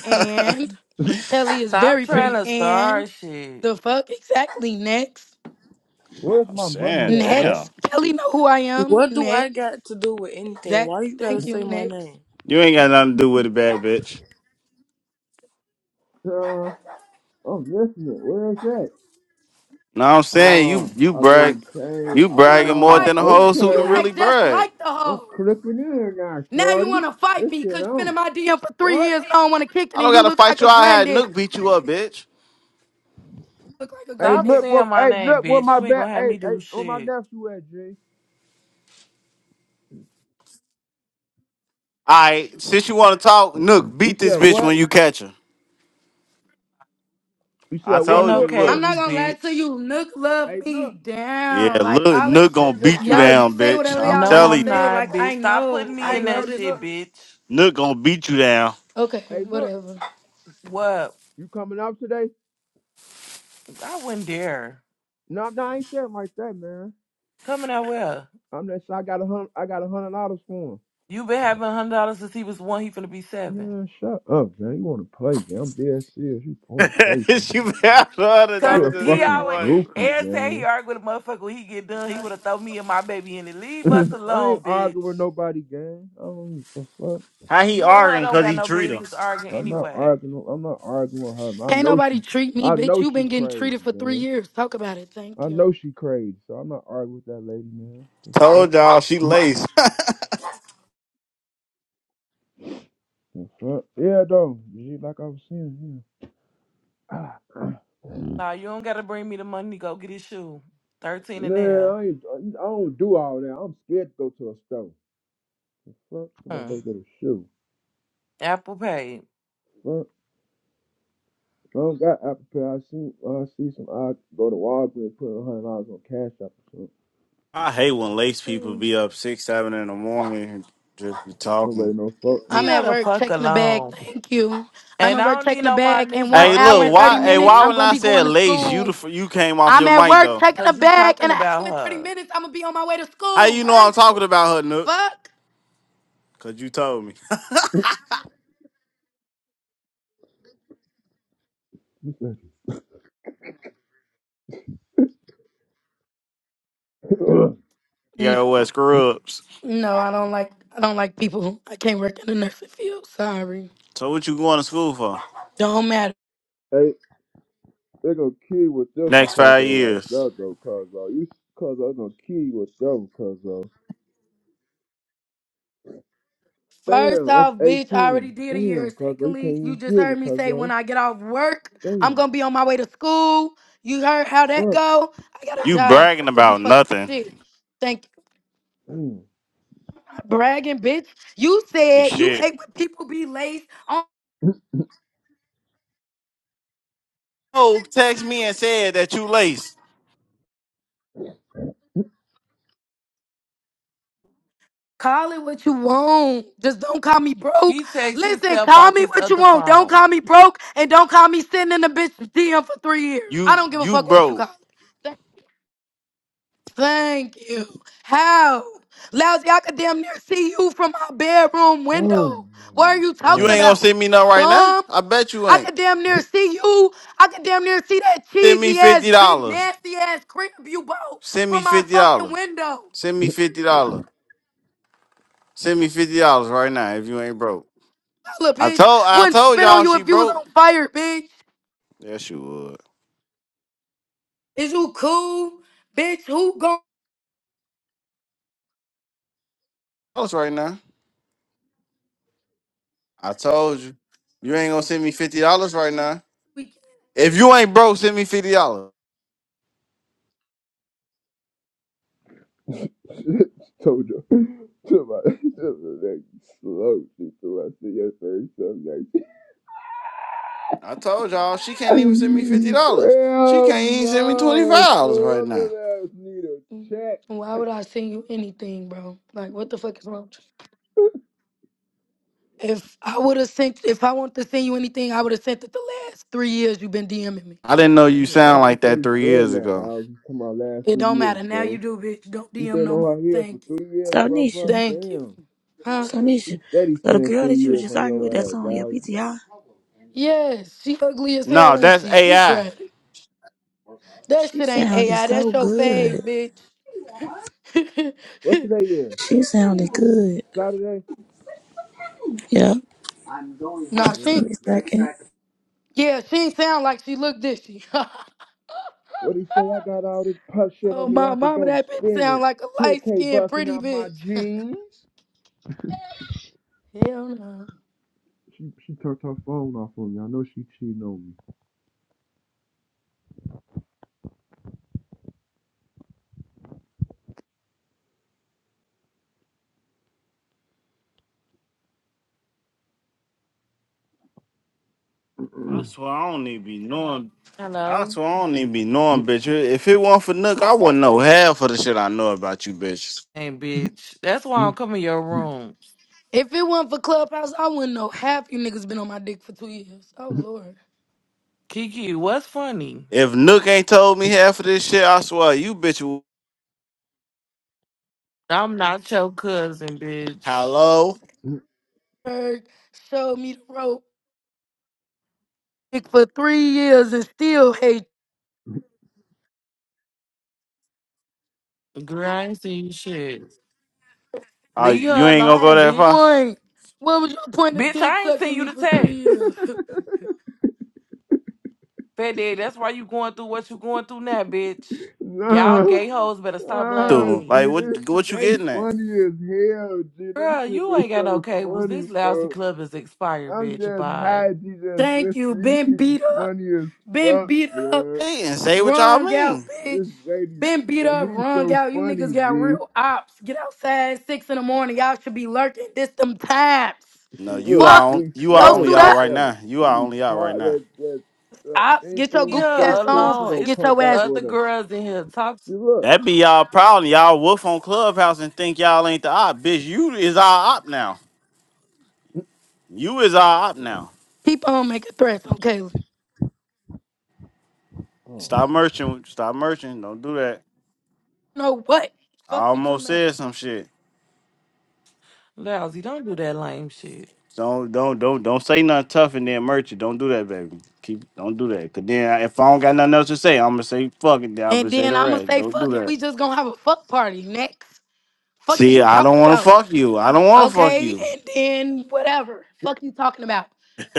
S2: And Kelly is
S9: Stop
S2: very
S9: trying
S2: pretty.
S9: to
S2: And
S9: start shit.
S2: the fuck exactly next.
S7: Where's
S1: I'm
S7: my money
S1: saying,
S7: at, next?
S1: damn.
S2: Next. Kelly know who I am.
S12: What do I
S2: Next.
S12: got to do with anything? Why
S2: Exactly.
S12: you gotta
S2: Thank you.
S12: say my
S2: Next.
S12: name?
S1: You ain't got nothing to do with it, bad bitch.
S7: Uh, I'm listening. Where is that?
S1: No, I'm saying
S7: Ah,
S1: you you
S7: I've
S1: brag,
S7: been saying,
S1: you
S2: You
S1: bragging
S2: wanna
S1: more
S7: ah,
S1: than
S2: fight
S1: the
S2: me?
S1: hoes who
S2: You
S1: can
S7: okay.
S1: really
S2: act just
S1: brag.
S2: like the
S7: I'm
S2: hoes.
S7: clipping in now,
S2: Now you
S7: shorty.
S2: wanna fight
S7: This
S2: me
S7: shit
S2: because you've been in
S7: on.
S2: my DM for three
S7: What?
S2: years and I don't wanna kick it
S1: I
S2: and
S1: don't
S2: you
S1: gotta
S2: look
S1: fight
S2: like
S1: you.
S2: a
S1: I had
S2: granddaddy.
S1: Nook beat you up, bitch.
S2: Look like a
S7: Hey,
S9: Stop
S7: look,
S2: granddaddy.
S7: what,
S9: saying my
S7: hey,
S9: name,
S7: look, where
S9: bitch.
S7: my
S9: You ain't
S7: back,
S9: gonna have
S7: hey,
S9: me
S7: hey,
S9: do
S7: where my
S9: shit.
S7: nephew at, G?
S1: All right, since you want to talk, Nook
S7: You
S1: beat this
S7: said
S1: bitch when
S7: what?
S1: you catch her.
S7: You said
S1: I
S9: Ain't
S7: what,
S1: told
S9: no
S7: Nook?
S1: you,
S2: I'm
S1: look.
S2: not
S9: cables,
S2: gonna lie to
S9: bitch.
S2: you. Nook love
S7: Hey,
S2: me
S7: Nook.
S1: Yeah,
S2: down. Like
S1: look,
S2: all that
S1: Nook
S7: Hey,
S1: gonna
S2: shit.
S7: Nook,
S1: beat
S7: you
S1: you
S2: Y'all
S7: heard me?
S2: can
S1: down,
S2: say
S1: bitch.
S2: whatever
S1: I'm
S2: y'all
S9: No,
S2: wanna
S9: I'm
S1: telling you,
S2: say.
S9: not,
S2: Like
S9: bitch.
S2: I
S9: Stop putting
S2: know.
S7: Hey,
S9: me
S2: I
S7: you
S9: in
S2: know
S9: that
S7: heard me,
S2: this
S9: shit,
S7: Nook?
S2: already.
S9: bitch.
S1: Nook gonna beat you down.
S2: Okay,
S7: Hey, Nook,
S2: whatever.
S9: What?
S7: you coming out today?
S9: I wouldn't dare.
S7: No, no, I ain't saying like that, man.
S9: Coming out where?
S7: I'm that I got a hundred. I got a hundred dollars for him.
S9: You been having a hundred dollars since he was one. He finna be seven.
S7: Man, shut up, man. You want to play, gang? I'm dead serious. You want to play
S1: she
S7: something, man?
S1: mad hundred
S9: Cause
S7: You a
S1: dollars since he
S9: he
S1: was
S7: fucking
S9: always
S1: white.
S7: goofy,
S9: every time he
S7: gang.
S9: argue with a motherfucker when he get done, he woulda throw me and my baby in it. Leave us
S7: I ain't
S9: alone, bitch.
S7: arguing with nobody, gang. I don't give a fuck.
S1: How he
S9: You and her
S1: arguing
S9: don't
S1: because
S9: got
S1: he
S9: no
S1: treat her?
S9: business arguing
S7: I'm not
S9: anyway.
S7: arguing. I'm not arguing with her. I
S2: Can't
S7: know
S2: nobody
S7: she.
S2: treat me,
S7: I
S2: bitch.
S7: know
S2: you
S7: she
S2: been getting
S7: crazy,
S2: treated for three
S7: gang.
S2: years. Talk about it. Thank
S7: I
S2: you.
S7: know she crazy, so I'm not arguing with that lady, man. The
S1: Told
S7: fuck.
S1: y'all she laced.
S7: The fuck? Yeah, though. Like I was saying, yeah.
S9: Nah, you don't gotta bring me the money to go get his shoe. Thirteen and
S7: Man,
S9: a
S7: I ain't, I don't do all that. I'm scared to go to a store. Fuck,
S9: half.
S7: I'm about
S9: Hmm.
S7: to go get a shoe.
S9: Apple Pay.
S7: Fuck, I don't got Apple Pay. I see, I see some. I go to Walgreens, put a hundred dollars on Cash App or something.
S1: I hate when lace people
S9: Hmm.
S1: be up six, seven in the morning and just be talking.
S7: Nobody no fuck
S2: I'm
S9: Leave her
S2: at
S9: the
S2: work
S9: fuck
S2: checking the bag.
S9: alone.
S2: Thank you. I'm
S9: And
S2: at
S9: I
S2: work
S9: don't need
S2: checking the
S9: no more
S2: bag.
S9: in
S2: In
S9: this
S2: one
S1: Hey,
S9: bunk
S2: hour
S1: look,
S2: and
S9: ass
S2: 30
S1: why?
S9: room,
S1: Hey,
S2: minutes,
S1: why
S9: bitch.
S2: I'm
S1: when
S2: going to
S1: I
S2: be going
S1: said
S2: to
S1: lace, you the,
S2: school.
S1: f- you came off
S2: I'm
S1: your
S2: at
S1: mic
S2: work
S1: though.
S2: checking the
S9: Cause you
S2: bag. In
S9: talking
S2: an hour
S9: about
S2: and 30
S9: her.
S2: minutes, I'm going to be on my way to
S1: How you
S2: school.
S1: know I'm
S2: Thank
S1: talking
S2: you.
S1: about her, Nook?
S2: Fuck.
S1: Cause you told me.
S7: no.
S1: You
S2: No.
S1: gotta wear scrubs.
S2: No, I don't like I don't like people. I can't work in the nursing field. Sorry.
S1: So what you going to school for?
S2: Don't matter.
S7: hey, they gonna kill you with this one,
S1: Next
S7: cuz
S1: five
S7: like
S1: years.
S7: that though, cuz you, cuz going gonna kill you with that one, cuz
S2: First
S7: Damn, that's
S2: off, bitch, I already
S7: eighteen.
S2: did a year.
S7: Damn, cuz you can't
S2: Secondly, you
S7: even
S2: just
S7: get
S2: heard
S7: it,
S2: me
S7: cuz
S2: say when I get off work, I'm
S7: Damn,
S2: going to be on my way to school. You heard how that
S7: fuck,
S2: go? I got a
S1: You
S2: job. I'm
S1: bragging
S2: not going to be
S1: about
S2: fucked up
S1: nothing.
S2: shit. Thank you.
S7: damn.
S2: bragging bitch. You
S1: and
S2: said you
S1: Shit.
S2: hate when people be laced on.
S1: Oh, text me and said that you lace.
S2: Call it what you want. Just don't call me
S9: He
S2: broke.
S9: takes
S2: Listen,
S9: himself
S2: call
S9: off
S2: me
S9: his
S2: what you
S9: other
S2: want. Don't
S9: phone.
S2: call me broke and don't call me sitting in the bitch DM for three years. I
S1: You
S2: don't give a
S1: you
S2: fuck what you call
S1: broke.
S2: it. Th- Thank you. How? Lousy, I could damn near see you from my bedroom
S7: Oh
S2: window.
S7: my
S2: What are you
S1: You
S2: talking
S1: ain't
S7: god.
S1: gonna
S2: about?
S1: send me nothing right now.
S2: Bum
S1: I bet you
S2: I
S1: ain't.
S2: could damn near see you. I could damn near see that
S1: Send me
S2: cheesy ass,
S1: fifty
S2: big,
S1: dollars.
S2: nasty ass crib you bought
S1: Send me
S2: from my
S1: fifty dollars.
S2: fucking window.
S1: Send me fifty dollars. Send me fifty dollars right now if you ain't broke.
S2: Holla,
S1: I
S2: bitch.
S1: told I
S2: Wouldn't
S1: told
S2: spit on
S1: y'all
S2: you
S1: she
S2: if you was
S1: broke.
S2: on fire, bitch.
S1: Yes, you would.
S2: Is you cool? Bitch, who gon'
S1: Dollars right now. I told you. You ain't gonna send me fifty dollars right now.
S2: we-
S1: If you ain't broke, send me fifty dollars.
S7: told you, to my to my next slow shit to my see your face some next
S1: I told y'all she can't even send me fifty dollars. She
S7: Hell
S1: can't even send me twenty
S7: no
S1: five dollars
S7: fool
S1: right
S7: I
S1: now.
S7: let ass need a check.
S2: Why would I send you anything, bro? Like, what the fuck is wrong? If I would have sent, if I wanted to send you anything, I would have sent it the last three years you've been DMing me.
S1: I didn't know you
S7: Damn, why
S1: sound
S7: she
S1: like
S7: study
S1: that three
S7: saying
S1: years
S7: that
S1: ago.
S7: now? She's come out last
S2: It
S7: two
S2: don't
S7: years,
S2: matter. Now
S7: bro.
S2: you do, bitch. Don't
S7: You
S2: DM
S7: been
S2: no more.
S7: on her heels
S2: Thank
S7: for
S2: you.
S7: three years,
S8: So
S7: bro, bro.
S8: Nisha,
S2: Thank you.
S7: Damn.
S2: Huh?
S8: so Nisha,
S7: She steady
S8: so the
S7: saying
S8: girl
S7: three
S8: that you was
S7: years
S8: just
S7: on
S8: arguing with
S7: your
S8: that's
S7: ass,
S8: on your
S7: Lousy.
S8: PTI,
S2: Yes, she ugly as
S1: No,
S2: hell, ain't
S1: that's
S2: she? She
S1: AI.
S2: tried it. That
S8: she
S2: shit ain't
S8: sounded
S2: AI.
S8: so
S2: That's your
S8: good.
S2: fave, bitch.
S7: What today is?
S8: She sounded good.
S7: Saturday?
S8: Yeah.
S2: nah,
S7: Mm-hmm.
S8: Give
S2: she
S8: me a second.
S2: yeah, she ain't sound like she looked, did she?
S7: What he say? I got all this puff shit
S2: oh
S7: on me. I
S2: my
S7: could
S2: mama,
S7: go
S2: that bitch sound
S7: spinning.
S2: like a light
S7: 10k
S2: skinned
S7: busting
S2: pretty
S7: out my
S2: bitch.
S7: jeans.
S2: Hell no.
S7: She she turned her phone off on me. I know she cheating on
S1: I swear I don't even be knowing. I
S9: Hello?
S1: swear I don't even be knowing, bitch. If it weren't for Nook, I wouldn't know half of the shit I know about you, bitch.
S9: And bitch,
S7: me.
S9: that's why I'm coming your room.
S2: If it wasn't for Clubhouse, I wouldn't know half you niggas been on my dick for two years. Oh lord.
S9: Kiki, what's funny?
S1: If Nook ain't told me half of this shit, I swear you, bitch. w-
S9: I'm not your cousin, bitch.
S1: Hello,
S2: Berg showed me the rope dick for three years and still hate
S9: Girl, I ain't seen you shit.
S1: uh,
S9: Leave
S1: you
S9: her
S1: ain't gonna go
S9: alone,
S1: that far,
S9: bitch.
S2: point. What was your point of
S9: Bitch,
S2: dick
S9: I ain't seen
S2: sucking
S9: you
S2: me
S9: the
S2: for three
S9: text.
S2: years?
S9: Fat Daddy, that's why you going through what you going through now, bitch. Y'all
S7: nah,
S9: gay hoes better stop lying
S7: ah,
S9: on
S1: dude.
S9: me.
S1: Like
S7: dude,
S1: what?
S7: this shit
S1: What you
S7: they
S1: getting at?
S7: funny as hell, dude. This
S9: Girl,
S7: shit
S9: you
S7: is
S9: ain't got no
S7: so
S9: cables.
S7: funny,
S9: This lousy
S7: bro.
S9: club is expired,
S7: I'm
S9: bitch.
S7: just high,
S9: Bye.
S7: you just
S2: Thank you.
S7: listening.
S2: Been
S7: These people
S2: beat up.
S7: funny as
S2: Been
S7: fuck,
S2: beat up.
S7: bro.
S1: Hey, and say what y'all
S2: wrung out,
S1: mean.
S2: bitch.
S7: This lady,
S2: Been beat
S7: uh,
S2: up.
S7: he's
S2: wrung
S7: so
S2: out. You niggas
S7: funny,
S2: got
S7: G.
S2: real ops. Get outside six in the morning. Y'all should be lurking. This them times.
S1: No,
S7: See,
S1: you
S7: look,
S1: are
S2: Fuck.
S1: on,
S7: she's
S1: you are
S2: Go
S7: slow.
S1: only
S2: suit
S1: out
S7: Look
S2: up.
S1: right
S7: at her.
S1: now. You are
S7: She's
S1: only out right
S7: tired.
S1: now.
S7: That that, that
S2: Ops,
S7: anything
S2: get your
S9: Leave
S7: you
S2: goofy
S7: say
S2: ass
S9: her
S7: to her,
S2: on.
S7: she
S9: alone.
S2: Fuck,
S7: gonna
S9: It's
S2: Get
S7: come
S2: your
S7: back
S2: ass.
S9: other
S7: with a.
S9: girls in here. Talk to
S7: See, look.
S1: That be y'all problem. Y'all wolf on Clubhouse and think y'all ain't the op, bitch. You is our op now. You is our op now.
S2: People do Keep on making threats, okay? You
S7: Oh,
S1: Stop merching. Stop merching. Don't do that.
S2: know what?
S1: I
S2: Fuck you
S1: almost
S2: talking about.
S1: said some shit.
S9: lousy. Don't do that lame shit.
S1: Don't don't don't don't say nothing tough and then merch it. Don't do that, baby. Keep don't do that. Cause then I- if I don't got nothing else to say, I'm gonna say fuck it. Then I'm gonna
S2: And
S1: say
S2: then
S1: the
S2: I'ma
S1: rest.
S2: say,
S1: Don't do
S2: fuck it.
S1: that.
S2: We just gonna have a fuck party next. Fuck is
S1: See,
S2: you
S1: I
S2: talking
S1: don't want to
S2: about?
S1: fuck you. I don't want to fuck
S2: Okay,
S1: you.
S2: and then whatever. Fuck you talking about.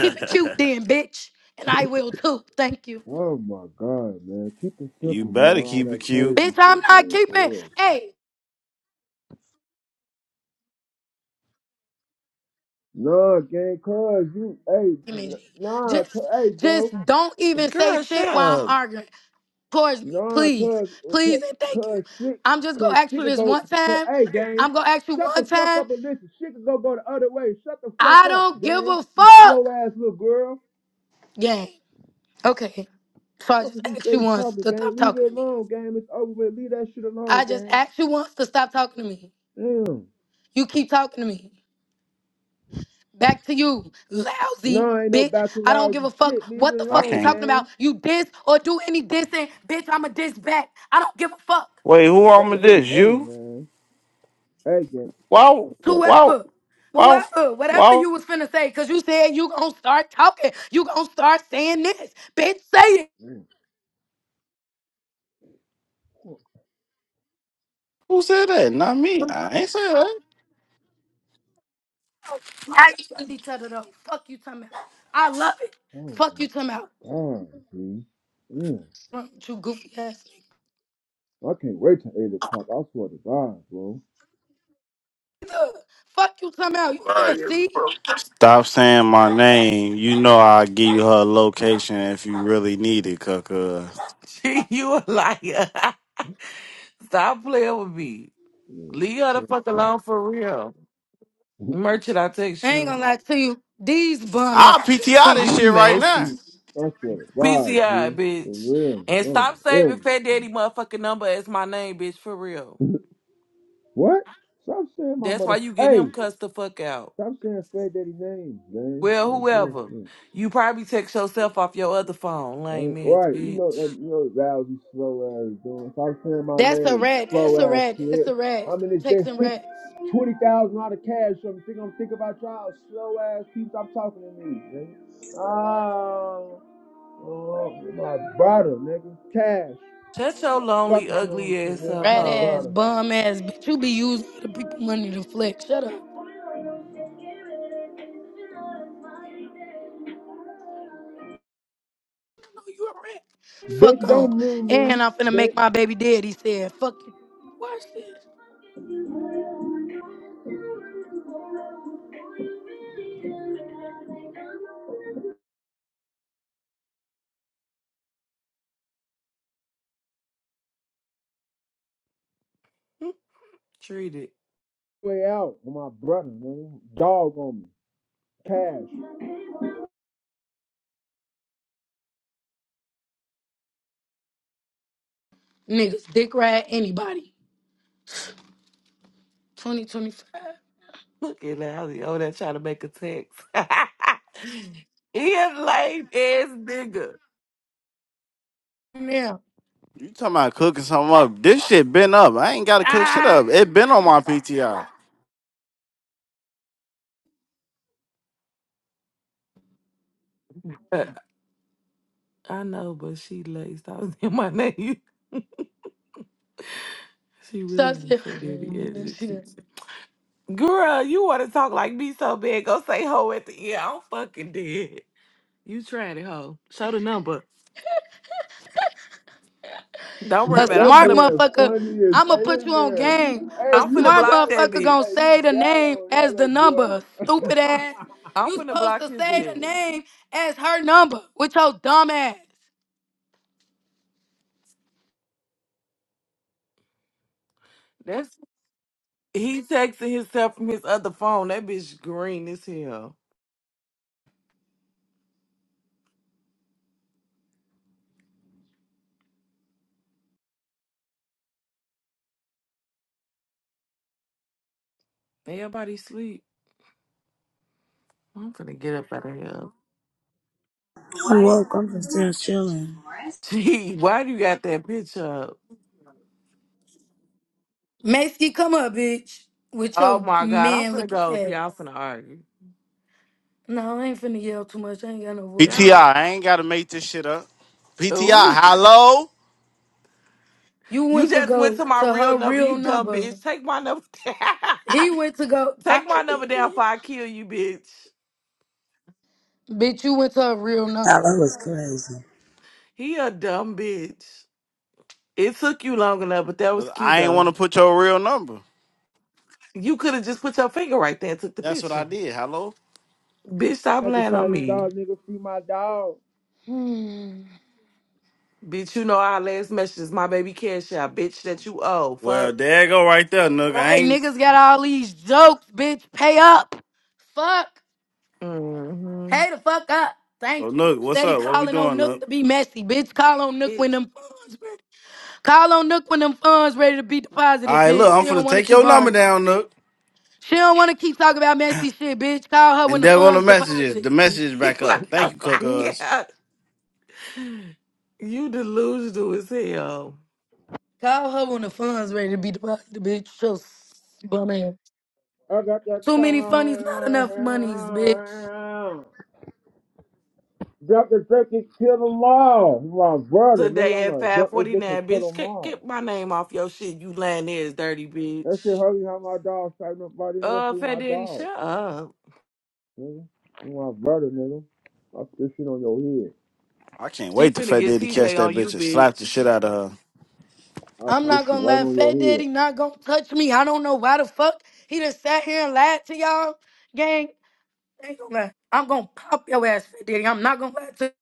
S2: Keep it cute then, bitch. And I will too. Thank you.
S7: oh my God, man. Keep it
S1: You
S7: simple, man.
S1: better
S7: All
S1: keep it
S7: that
S1: cute.
S7: crazy
S2: Bitch, I'm
S7: shit,
S2: not
S7: man. For
S2: keeping.
S7: real.
S2: Hey,
S7: Nah, gang, cuz you, hey, n-
S2: Image,
S7: nah, cuz,
S2: just
S7: hey, bro,
S2: just don't even say
S9: Girl, shut
S2: shit while I'm
S9: up.
S2: arguing towards me.
S7: nah,
S2: Please.
S7: cuz, cuz,
S2: Please and thank you.
S7: cuz shit,
S2: I'm just
S7: cuz
S2: gonna ask
S7: shit
S2: you
S7: could
S2: this
S7: go,
S2: one
S7: cuz,
S2: time.
S7: hey, gang,
S2: I'm gonna ask you
S7: shut the
S2: one
S7: fuck
S2: time.
S7: up and listen. Shit could go go the other way. Shut the fuck
S2: I
S7: up,
S2: don't give
S7: gang.
S2: a
S7: You slow
S2: fuck.
S7: ass little girl.
S2: Gang. Okay. So I
S7: Fuck
S2: just
S7: if you
S2: asked you
S7: stay
S2: once
S7: talking,
S2: to
S7: gang.
S2: stop
S7: Leave
S2: talking
S7: it
S2: to me.
S7: alone, game. It's over with. Leave that shit alone,
S2: I just
S7: gang.
S2: asked you once to stop talking to me.
S7: Damn.
S2: You keep talking to me. Back to you, lousy
S7: No, ain't no
S2: bitch.
S7: battle
S2: I don't give a
S7: lousy
S2: fuck
S7: shit. Leave
S2: what
S7: it
S2: the
S1: I
S2: fuck you
S7: alone,
S1: can't.
S2: talking about.
S7: gang.
S2: You diss or do any dissing, bitch. I'ma diss back. I don't give a fuck.
S1: Wait, who on
S7: Hey,
S1: with this?
S7: hey,
S1: You?
S7: man. Hey, gang.
S1: Wow, wow,
S2: Whoever,
S1: wow,
S2: whoever, whatever
S1: wow.
S2: you was finna say, cause you said you gonna start talking. You gonna start saying this, bitch. Say it.
S7: Man,
S1: Who said that? Not me. I ain't say that.
S2: Each other though. Fuck you, talking about. I love it.
S7: Oh,
S2: Fuck
S7: my
S2: you, talking about.
S7: God, G. Yeah,
S2: Fuck You goofy ass nigga.
S7: I can't wait till 8 o'clock. I swear to God, bro.
S2: Ugh. Fuck you, talking about. You finna
S13: Right.
S2: see.
S1: Stop saying my name. You know I'll give you her location if you really need it, Cucka.
S9: you a liar. Stop playing with me. Leave her the
S7: Yeah.
S9: fuck alone for real. Merchant, I text
S2: I ain't
S9: you.
S2: gonna lie to you. These bum
S1: I'll
S2: ass niggas
S1: PTI
S2: can't.
S1: this
S9: You
S1: shit
S2: pass with
S1: right now.
S2: me.
S9: messy.
S7: I swear to God,
S9: PCI,
S7: G. For
S9: bitch.
S7: real.
S9: And
S7: Bro.
S9: stop saving
S7: Hey.
S9: Fat Daddy motherfucking number as my name, bitch, for real.
S7: What? Stop saying my
S9: That's why
S7: mother.
S9: you getting
S7: Hey,
S9: him cussed the fuck out.
S7: stop saying Fat Daddy name, man.
S9: Well,
S7: My
S9: whoever.
S7: boy.
S9: You probably text yourself off your other phone, lame
S7: Ain't
S9: ass,
S7: Right, you know,
S9: bitch.
S7: uh, you know, Val, be slow ass doing. Stop saying my
S2: That's a
S7: name,
S2: rat.
S7: slow
S2: That's a
S7: ass
S2: rat. That's
S7: kid.
S2: a rat.
S7: I mean, it's
S2: Stop
S7: been
S2: texting
S7: six,
S2: rats.
S7: twenty thousand out of cash. so I'm think I'm thinking about y'all, slow ass people. Stop talking to me, nigga. Oh, oh, my brother, nigga, cash.
S9: Shut your
S7: Fuck
S9: lonely,
S7: is wrong
S9: ugly
S7: with you,
S9: ass up,
S7: nigga,
S2: Rat
S7: my
S9: hoe.
S2: ass,
S7: brother.
S2: bum ass, bitch. You be using other people money to flex. Shut up. No, you a rat.
S7: Bitch,
S2: Fuck on.
S7: don't ruin me,
S2: And I'm finna make
S7: bitch.
S2: my baby dead. He said, fuck you. Watch
S9: Hmm, Treat it.
S7: Way out, with my brother, nigga. Dog on me, cash.
S2: this. Niggas, dick rat anybody. 2025.
S9: Look at Lousy over there trying to make a text. he a lame ass nigga.
S2: Now.
S1: You talking about cooking something up. This shit been up. I ain't gotta cook shit
S2: Ah.
S1: up. It been on my PTI.
S9: Uh, I know, but she laced. I was in my name. She
S2: So I
S9: really ain't not
S2: said,
S9: that
S2: that
S9: again. She
S2: shit.
S9: keeps it. Girl, you want to talk like me so bad. Go say hoe at the end. I'm fucking dead. You tried it, hoe. Show the number. Don't worry
S2: A
S9: about it.
S7: That
S9: I'm
S2: smart
S9: finna,
S7: man
S2: motherfucker,
S7: funny as
S2: I'ma
S7: hey,
S2: put
S7: this
S2: you on game.
S7: man. Hey,
S2: A
S9: I'm
S7: you
S9: finna
S2: smart
S9: block
S7: got it
S9: that
S7: on
S2: motherfucker
S7: the,
S2: gonna
S7: hey,
S9: bitch.
S2: say
S7: you
S2: the
S7: got it
S2: name
S7: on that
S2: as the
S7: little boy.
S2: number. Stupid ass.
S9: I'm
S2: You
S9: finna
S2: supposed
S9: block
S2: to
S9: his
S2: say the
S9: ass.
S2: name as her number with your dumb ass.
S9: That's he texting himself from his other phone. That bitch green as hell. Everybody sleep. I'm finna get up out of here.
S8: You woke. I'm just still chilling.
S9: Gee, why do you got that picture?
S2: Macy, come up, bitch. With
S9: Oh
S2: your
S9: my god, I'm
S2: man
S9: finna
S2: looking
S9: go if
S2: ass.
S9: y'all finna argue.
S2: No, I ain't finna yell too much. I ain't got no voice.
S9: Y'all,
S1: ain't gotta make this shit up. PTI,
S9: ooh,
S1: hello?
S2: You
S9: you
S2: went to
S9: just went
S2: go
S9: to my
S2: to
S9: real
S2: her
S9: number,
S2: real
S9: you dumb
S2: number.
S9: bitch. Take my number, down.
S2: He went to go. I
S9: take
S2: know.
S9: my
S2: he
S9: number down
S2: did.
S9: before I kill you, bitch.
S2: Bitch, you went to her real number.
S8: Hello was crazy.
S9: He a dumb bitch. It took you long enough, but that was
S1: 'Cause
S9: cute
S1: I ain't
S9: though.
S1: wanna put your real number.
S9: You could have just put your finger right there and took the
S1: That's what I
S9: picture.
S1: did. Hello?
S9: Bitch, stop
S7: I had to
S9: lying on
S7: find this
S9: me.
S7: dog, nigga, free my dog.
S2: Hmm.
S9: Bitch, you know our last message is my baby cash out. Bitch, that you owe.
S1: Well,
S9: Fuck.
S1: there you go right there, Nook. I
S2: Right,
S1: ain't
S2: niggas got all these jokes, bitch. Pay up. Fuck.
S9: Mm-hmm.
S2: Pay the fuck up.
S1: so
S2: Thank you.
S1: Nook, what's
S2: Steady
S1: up? What we
S2: calling on
S1: doing,
S2: Nook
S1: Nook?
S2: to be messy, bitch. Call on Nook when
S9: Bitch,
S2: them funds ready. Call on Nook when them funds ready to be deposited,
S1: Alright, look,
S2: bitch.
S1: I'm
S2: She don't
S1: finna
S2: want to
S1: take
S2: keep
S1: your number
S2: arguing.
S1: down, Nook.
S2: She don't want to keep talking about messy shit, bitch. Call her
S1: And
S2: when the
S1: there go the
S2: funds
S1: messages.
S2: deposited,
S1: The message
S9: you
S1: back up. Thank
S9: a
S1: you, Cookers.
S2: bitch.
S9: liar. You delusional as hell.
S2: Call her when the funds ready to be deposited, bitch. Just bum ass.
S7: I got that
S2: Too many
S7: car.
S2: funnies, not enough monies, bitch.
S7: Drop the dick and kill them all. My brother, nigga,
S9: Today
S7: I'm
S9: at
S7: gonna drop the dick and
S9: 549,
S7: kill
S9: bitch,
S7: them
S9: get,
S7: all.
S9: get my name off your shit. You lying there is dirty,
S7: That shit
S9: bitch.
S7: hurry how my dog fighting nobody, nigga,
S9: Uh,
S7: free
S9: Fat
S7: my
S9: Daddy,
S7: dog.
S9: shut up.
S7: Nigga. You my brother, nigga. I put this shit on your head.
S1: I can't
S9: She
S1: wait to
S9: finna
S1: Fat
S9: get
S1: Daddy catch
S9: TJ
S1: that
S9: on you,
S1: bitch and slap the shit
S9: bitch.
S1: out of her.
S7: I
S2: I'm
S7: put this
S2: not
S7: shit
S2: gonna
S7: right
S2: let
S7: on your
S2: Fat
S7: head.
S2: Daddy not gonna touch me. I don't know why the fuck he just sat here and lied to y'all, gang. I Ain't gonna lie. I'm gonna pop your ass, Fat Daddy. I'm not gonna lie to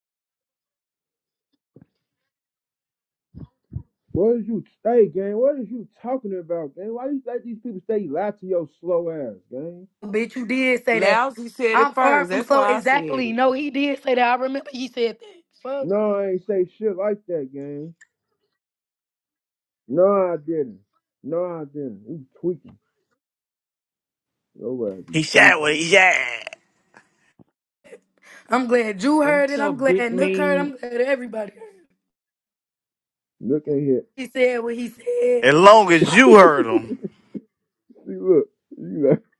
S7: What is you, hey, gang? What is you talking about, gang? Why you let these people say you lie to your slow ass, gang?
S2: you, bitch. You did say that.
S9: Lousy said it
S2: I'm far
S9: first.
S2: from
S9: That's
S2: so
S9: why I said
S2: exactly.
S9: it.
S2: No, he did say that. I remember he said that. Fuck.
S7: No, I ain't say shit like that, gang. No, I didn't. No, I didn't. You tweaking. Your ass be
S1: He said
S7: tweaking.
S1: what he said.
S2: I'm glad you heard
S9: It's
S2: it.
S9: a
S2: I'm glad
S9: big
S2: Nook heard. it.
S9: mean
S2: I'm glad everybody heard. it.
S7: Look in here.
S2: He said what he said.
S1: As long as you heard him.
S7: See, look. You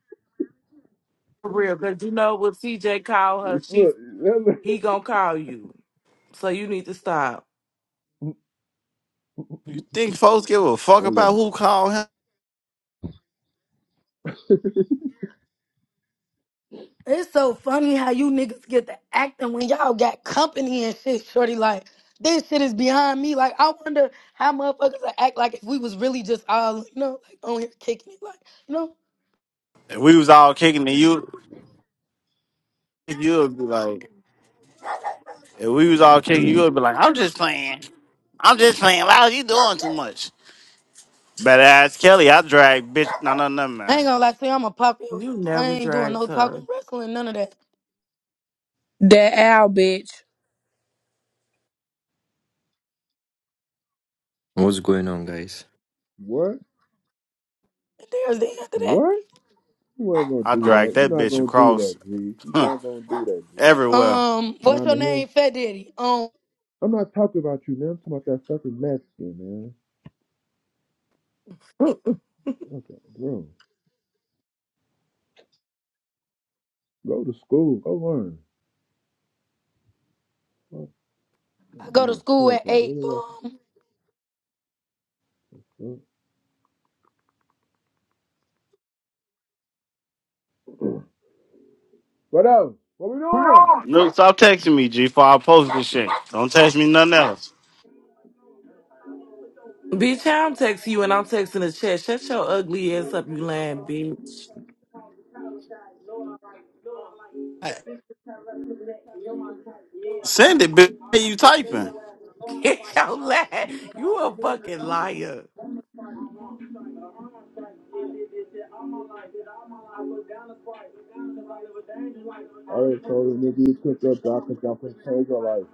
S9: for real. Because you know what TJ called her,
S7: like,
S9: she's
S7: look. That
S9: he gonna call you. So you need to stop.
S1: You think folks give a fuck
S7: lady. That
S1: about
S7: lady.
S1: who called him?
S2: It's so funny how you niggas get to acting when y'all got company and shit, shorty. Like, this shit is behind me. Like, I wonder how motherfuckers would act like if we was really just all, you know, like on here kicking it. Like, you know,
S1: If we was all kicking and you, you would be like, if we was all kicking, you would be like, I'm just playing. I'm just playing. Wow, you doing too much. Better ask Kelly. I drag bitch. No, no, no,
S2: I
S1: man.
S2: ain't gonna lie to you, I'm a pop your ass.
S9: You
S2: I
S9: never
S2: ain't doing no
S9: dragged
S2: talking,
S9: her.
S2: wrestling, none of that.
S12: That owl, bitch.
S14: What's going on, guys?
S7: what?
S2: And there's the end of
S7: What? You ain't gonna
S1: I
S7: do
S1: drag
S7: that.
S1: that
S7: You're not
S1: bitch
S7: gonna do that,
S1: across
S7: G. You're not gonna do that, G.
S2: that.
S1: everywhere.
S2: Um,
S7: Not
S2: what's your
S7: in here.
S2: name? Fat Daddy. Um,
S7: I'm not talking about you, man. I'm talking about that fucking Mexican, man. Okay, bro. Go to school. Go learn. Fuck, I'm
S2: I go to
S7: doing
S2: school
S7: club.
S2: at
S7: Like,
S2: 8.
S7: what else? What else? What we doing?
S1: No, stop texting me, G. For I post this shit. Don't text me nothing else.
S9: Bitch, I'm texting you and I'm texting the chat. Shut your ugly ass up, you lying bitch.
S1: I- Send it, bitch. Hey, you typing?
S9: Get your laugh. You a fucking liar.
S7: I already told him, nigga, you cooked up, y'all cooked up, and change your life.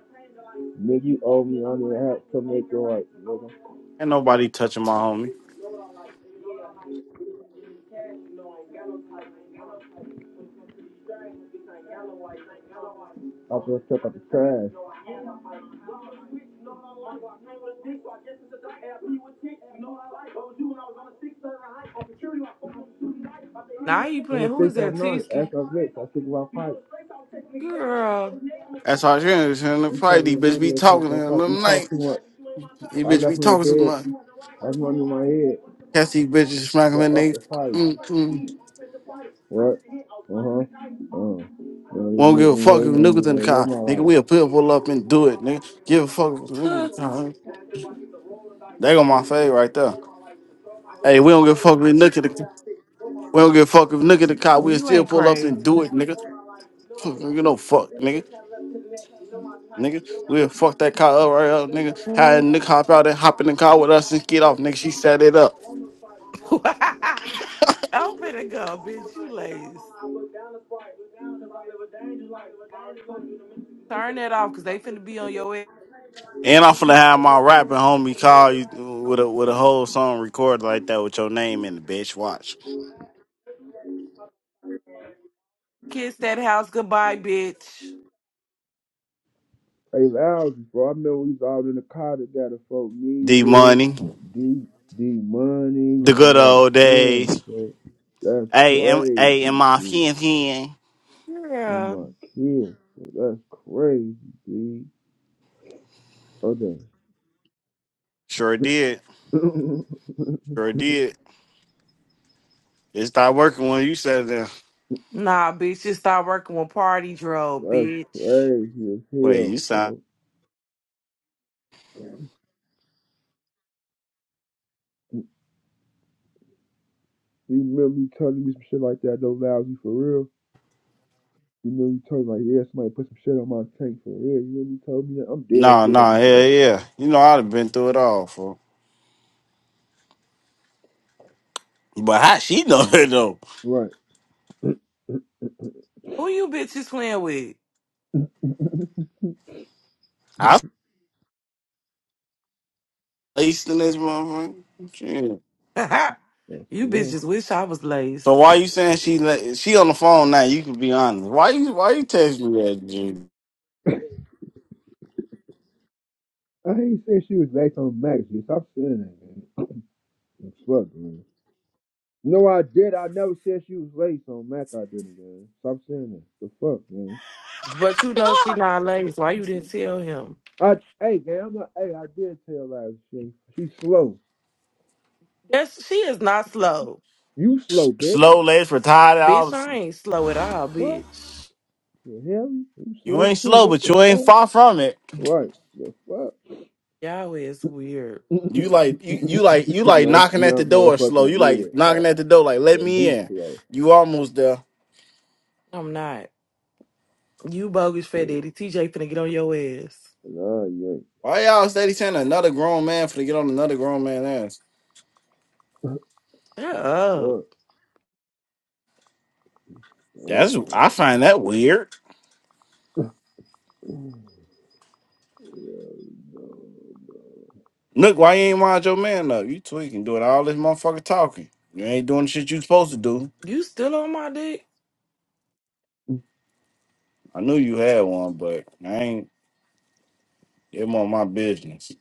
S7: Nigga, you owe me. I need help to make your life.
S1: Ain't nobody touching my homie.
S7: I just took up the trash.
S9: Now you
S7: I'm
S9: playing.
S7: a
S9: Who is
S7: six at
S9: that,
S7: night.
S9: Tisky?
S7: After I'm rich, I think about fight.
S9: Girl,
S1: That's how she is. And the
S7: You tell
S1: fight,
S7: me
S1: these bitch
S7: one
S1: be
S7: day I was
S1: talking in
S7: gonna
S1: the
S7: fight. You
S1: middle of the night.
S7: talk too much.
S1: These
S7: I
S1: bitch
S7: left
S1: be
S7: him in the
S1: talking to
S7: bed.
S1: my.
S7: That's one in my head.
S1: Catch these bitches smacking their
S7: That up
S1: niggas.
S7: the fight.
S1: Mm, mm.
S7: What? Uh huh. Uh. You know, you
S1: Won't give
S7: make
S1: a
S7: me
S1: fuck if
S7: hate on me.
S1: niggas in the
S7: Like, what
S1: car.
S7: my
S1: Nigga,
S7: life?
S1: we'll pit pull up and do it. Nigga, give a fuck if niggas in the
S9: Tuh.
S1: car. huh? They go my fade right there. Hey, we don't give a fuck if nigga. in the- We don't give a fuck if nigga in the car. We'll
S9: you
S1: still
S9: ain't
S1: pull up and
S9: crazy.
S1: do it, nigga. Fuck, You know, fuck, nigga. nigga. We'll fuck that car up right up, nigga. Had
S9: Mm.
S1: Nick hop out and hop in the car with us and get off, nigga. She set it up.
S9: I'm finna go, bitch. You lazy. Turn that off, cause they finna be on your ass.
S1: And I'm finna have my rapping homie call you with a with a whole song recorded like that with your name in the bitch. Watch.
S9: Kiss that house goodbye, bitch.
S7: Hey, loud before I remember we was all in the car together, folk. Me,
S1: D
S7: you,
S1: money.
S7: D, D Money,
S1: The
S7: on
S1: good
S7: my
S1: old
S7: son.
S1: days.
S7: folk. That's
S1: Hey, am hey, am
S7: crazy,
S1: my
S7: dude.
S1: fin fin.
S7: On
S9: Yeah.
S7: my kid, folk. that's crazy, dude. Hold on.
S1: Sure did. Sure did. It stopped working when you said that.
S9: Nah, bitch. Just start working with Party Dro,
S7: that's
S9: bitch.
S7: crazy as
S1: Wait, you
S7: hell,
S1: sound
S7: folks. You remember you telling me some shit like that though, lousy for real? You remember you told me like, yeah, somebody put some shit on my tank for real. You remember you told me that? I'm dead
S1: no,
S7: shit. I'm
S1: no,
S7: be think
S1: yeah,
S7: I'm playing.
S1: yeah. You know I'd have been through it all, fool. But how she know it though?
S7: Right.
S9: Who you bitches playing with?
S1: laced in this motherfucker. Shit.
S7: I
S9: you
S7: swear.
S9: bitches wish I was
S1: So
S9: laced.
S1: why you saying she la- she on the phone now? You can be honest. Why you why you text me that? Dude?
S7: I ain't said she was late on Mac. She stop saying that, man. It's Fuck, man. No, I did. I never said she was late on Mac. I didn't, man. Stop saying that. The fuck, man.
S9: But you know she not laced. Why you didn't tell him?
S7: I, hey, man. I'm not. Hey, I did tell lies. She, she slow.
S9: That's she is not slow.
S7: You slow, bitch.
S1: Slow legs retired
S9: Bitch,
S1: out.
S9: I ain't slow at all,
S7: What?
S9: bitch.
S7: The hell? You
S1: You
S7: slow
S1: ain't
S7: too?
S1: slow,
S7: What
S1: but
S7: the
S1: you ain't
S7: fuck?
S1: far from it.
S7: Right. The fuck?
S9: Y'all is weird.
S1: You like you you like you like
S7: That's
S1: knocking at
S7: not
S1: the door slow.
S7: motherfucking
S1: You like
S7: weird. All right,
S1: knocking at the door like let
S7: so
S1: me
S7: you
S1: in.
S7: slow.
S1: You almost there.
S9: I'm not. You bogus fat daddy. TJ finna get on your ass.
S7: Nah, yeah.
S1: Why y'all steady saying another grown man for to get on another grown man ass?
S9: Shut up.
S7: Fuck. Oh,
S1: That's I find that weird.
S7: man. Yeah, no.
S1: Look, why you ain't wind your man up? You tweaking, doing all this motherfucker talking. You ain't doing the shit you supposed to do.
S9: You still on my dick?
S1: I knew you had one, but I ain't it more my business.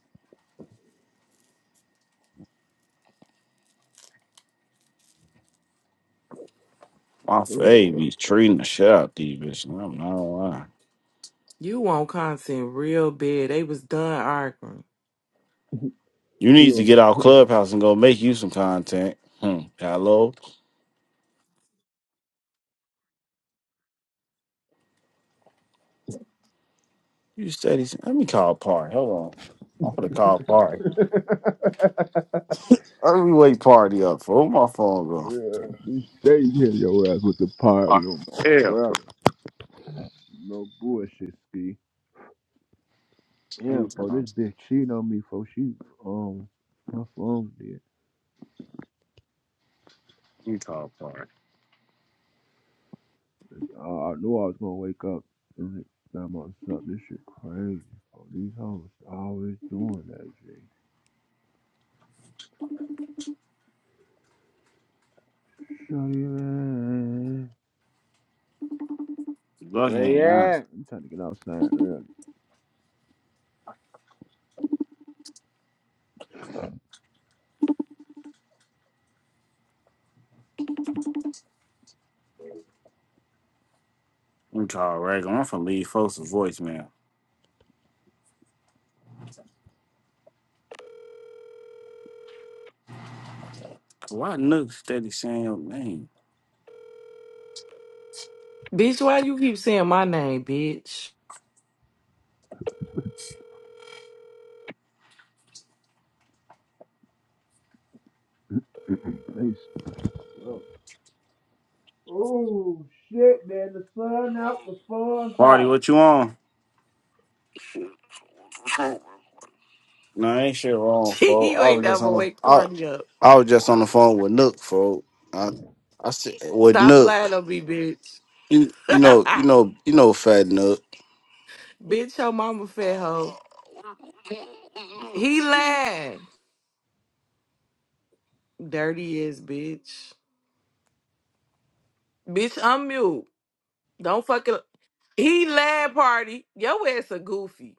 S1: My
S7: Yeah.
S1: fave treating the shit out these bitches. I'm not lying.
S9: You want content real bad. They was done arguing.
S1: You
S7: He
S1: need
S7: on
S1: to get out clubhouse and go make you some content. Hmm. Hello. You steady. Let me call party. Hold on. I'm gonna call party. Let me wake party up for Where my phone go.
S7: Yeah, she stay here your ass with the
S1: All
S7: party
S1: right.
S7: on my
S1: Yeah.
S7: brother. No bullshit, ski.
S1: Let
S7: Yeah,
S1: me
S7: for this
S1: call.
S7: bitch cheating on me for she um my phone did.
S1: Let me call party.
S7: I, I knew I was gonna wake up and find myself. This shit crazy. Oh, these hoes always doing that shit. Shut it man.
S1: Look
S7: Where you
S1: here.
S7: at? I'm trying to get outside early.
S1: I'm Charles Reagan. I'm from Lee folks voicemail. Why Nook steady saying your name?
S9: Bitch, why you keep saying my name, bitch?
S7: They stuck. Oh shit, man! The sun out, the sun's
S1: Party,
S7: out.
S1: what you on? No, ain't shit wrong, folks.
S9: you
S1: I
S9: ain't
S1: was just
S9: never
S1: on the
S9: wake
S1: I,
S9: party up.
S1: I was just on the phone with Nook, folks. I I said with
S9: Stop
S1: Nook.
S9: lying on me, bitch.
S1: You you know, you know, you know fat Nook.
S9: bitch, your mama fat hoe. He lying. Dirty ass bitch. Bitch, I'm mute. Don't fucking. He land party. Your ass a goofy.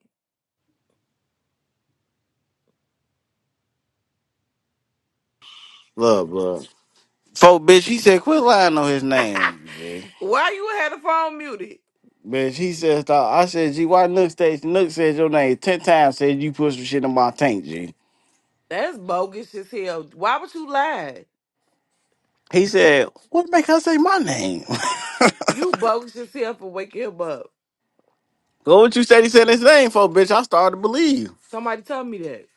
S1: Love, love. Folk bitch, he said quit lying on his name, G.
S9: Why you had the phone muted?
S1: Bitch, he said stop. I said, G, why Nook stays Nook said your name ten times said you put some shit in my tank, G.
S9: That's bogus as hell. Why would you lie?
S1: He said, What make her say my name?
S9: You bogus as hell for waking him up.
S1: Go what you said he said his name for, bitch. I started to believe.
S9: Somebody tell me that.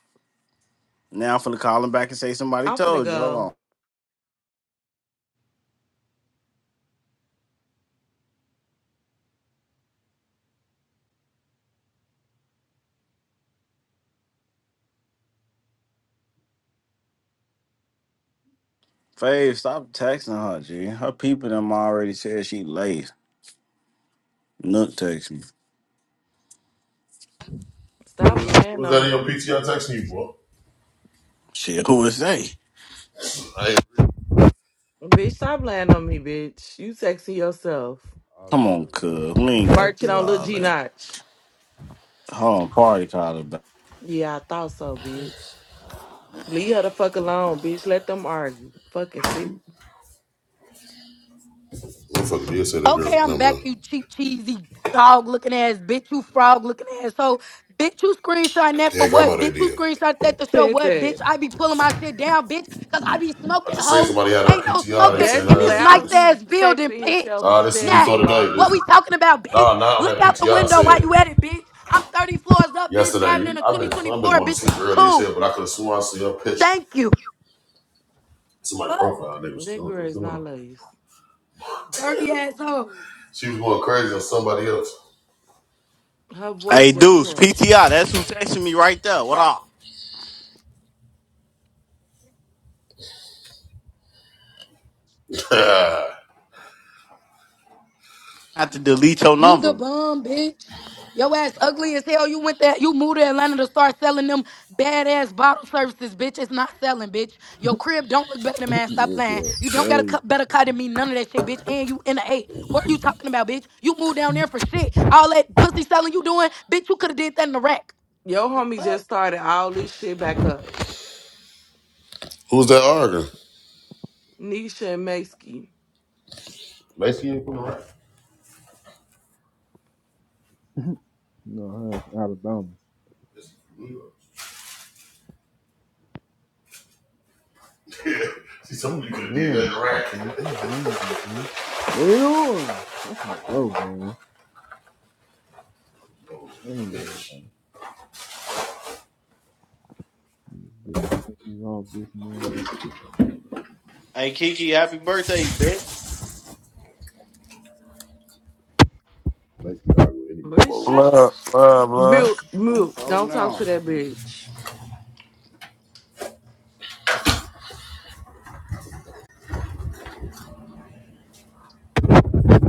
S1: Now I'm finna call him back and say somebody
S9: I'm finna
S1: told you. Hold
S9: go.
S1: on. Fave, stop texting her, G. Her people them already said she late. Nook text me.
S9: Stop
S15: Who's,
S9: lying
S15: who's that
S9: on
S15: in your
S9: me.
S15: PTR texting you, boy?
S1: Shit, who is they?
S15: I ain't.
S9: Bitch, stop lying on me, bitch. You sexy yourself.
S15: Oh
S1: Come on,
S15: damn, no.
S1: cuz. We ain't gotta
S9: Merchant
S1: do
S9: on Lil
S1: all
S9: G
S1: that.
S9: Notch.
S1: Hold on, party call her back.
S9: Yeah, I thought so, bitch. Leave her the fuck alone, bitch. Let them argue. Fucking see.
S15: Motherfucker did say that girl.
S2: Okay, I'm
S15: No,
S2: back,
S15: man.
S2: you cheap, cheesy, dog looking ass, bitch, you frog looking ass. So, bitch, you screenshot that for
S15: Yeah, grandma,
S2: what?
S15: they
S2: Bitch, you
S15: did.
S2: screenshot that to show
S9: Said
S2: what? Bitch,
S9: that.
S2: I be pulling my shit down, bitch, because I be
S15: I
S2: smoking,
S15: just say
S2: hoe.
S15: somebody had a
S2: Ain't no
S15: PTR. They
S2: smoking
S15: saying,
S9: That's
S2: in
S15: nah,
S2: this
S15: this is what
S2: nice
S15: this.
S9: lousy
S2: ass building,
S9: texting
S2: bitch.
S9: himself.
S15: Nah,
S9: His
S15: this is
S9: ass
S2: Nah,
S9: a
S15: before today. This,
S2: what
S9: liar.
S2: we talking about, bitch?
S15: nah, not on
S2: Look
S15: that
S2: out the
S15: PTR. I
S2: window while
S15: said
S2: you at it, bitch. I'm 30 floors up, bitch,
S15: yesterday.
S2: driving in a
S15: I've been, I've been
S2: 2024,
S15: going to
S2: bitch. Is
S15: sleep
S2: you
S15: early as
S2: cool?
S15: hell, but I could have sworn I see her picture.
S2: Thank you.
S15: It's in my
S2: Fuck,
S15: profile. They was
S9: That
S15: still,
S9: girl
S15: it's
S9: is
S15: in
S9: not lace.
S2: dirty assholes.
S15: She was going crazy on somebody else.
S9: Her
S1: Hey,
S9: voice just
S1: Deuce,
S9: was.
S1: PTI, that's who texting me right there. What up? I have to delete your
S2: You the
S1: number.
S2: bum, bitch. Your ass ugly as hell. You went there. You moved to Atlanta to start selling them badass bottle services, bitch. It's not selling, bitch. Your crib don't look better than
S7: It
S2: mine. Stop
S7: was
S2: lying.
S7: uh,
S2: You don't got a
S7: crazy.
S2: cu- better car than me. None of that shit, bitch. And you in the eight. What are you talking about, bitch? You moved down there for shit. All that pussy selling you doing, bitch. You could have did that in the rack.
S9: Yo,
S2: The
S9: homie just
S2: fuck,
S9: started all this shit back up.
S15: Who's that arguing?
S9: Nisha and Maisky.
S15: Basically, you from the rack.
S7: No, that's Alabama.
S15: She told
S7: Oh
S15: me you could have did
S7: man,
S15: that in the rack.
S7: dude, I'm hungry, dude. What it on? I'm finna go, man. I ain't gonna lie.
S15: Let's
S7: This shit me off this morning.
S1: Hey, Kiki, happy birthday, bitch.
S15: be arguing anymore.
S9: But
S15: Well,
S9: shut.
S13: Love, love, love.
S9: Mute,
S1: Oh,
S9: mute.
S1: so
S9: Don't talk
S1: no.
S9: to that bitch.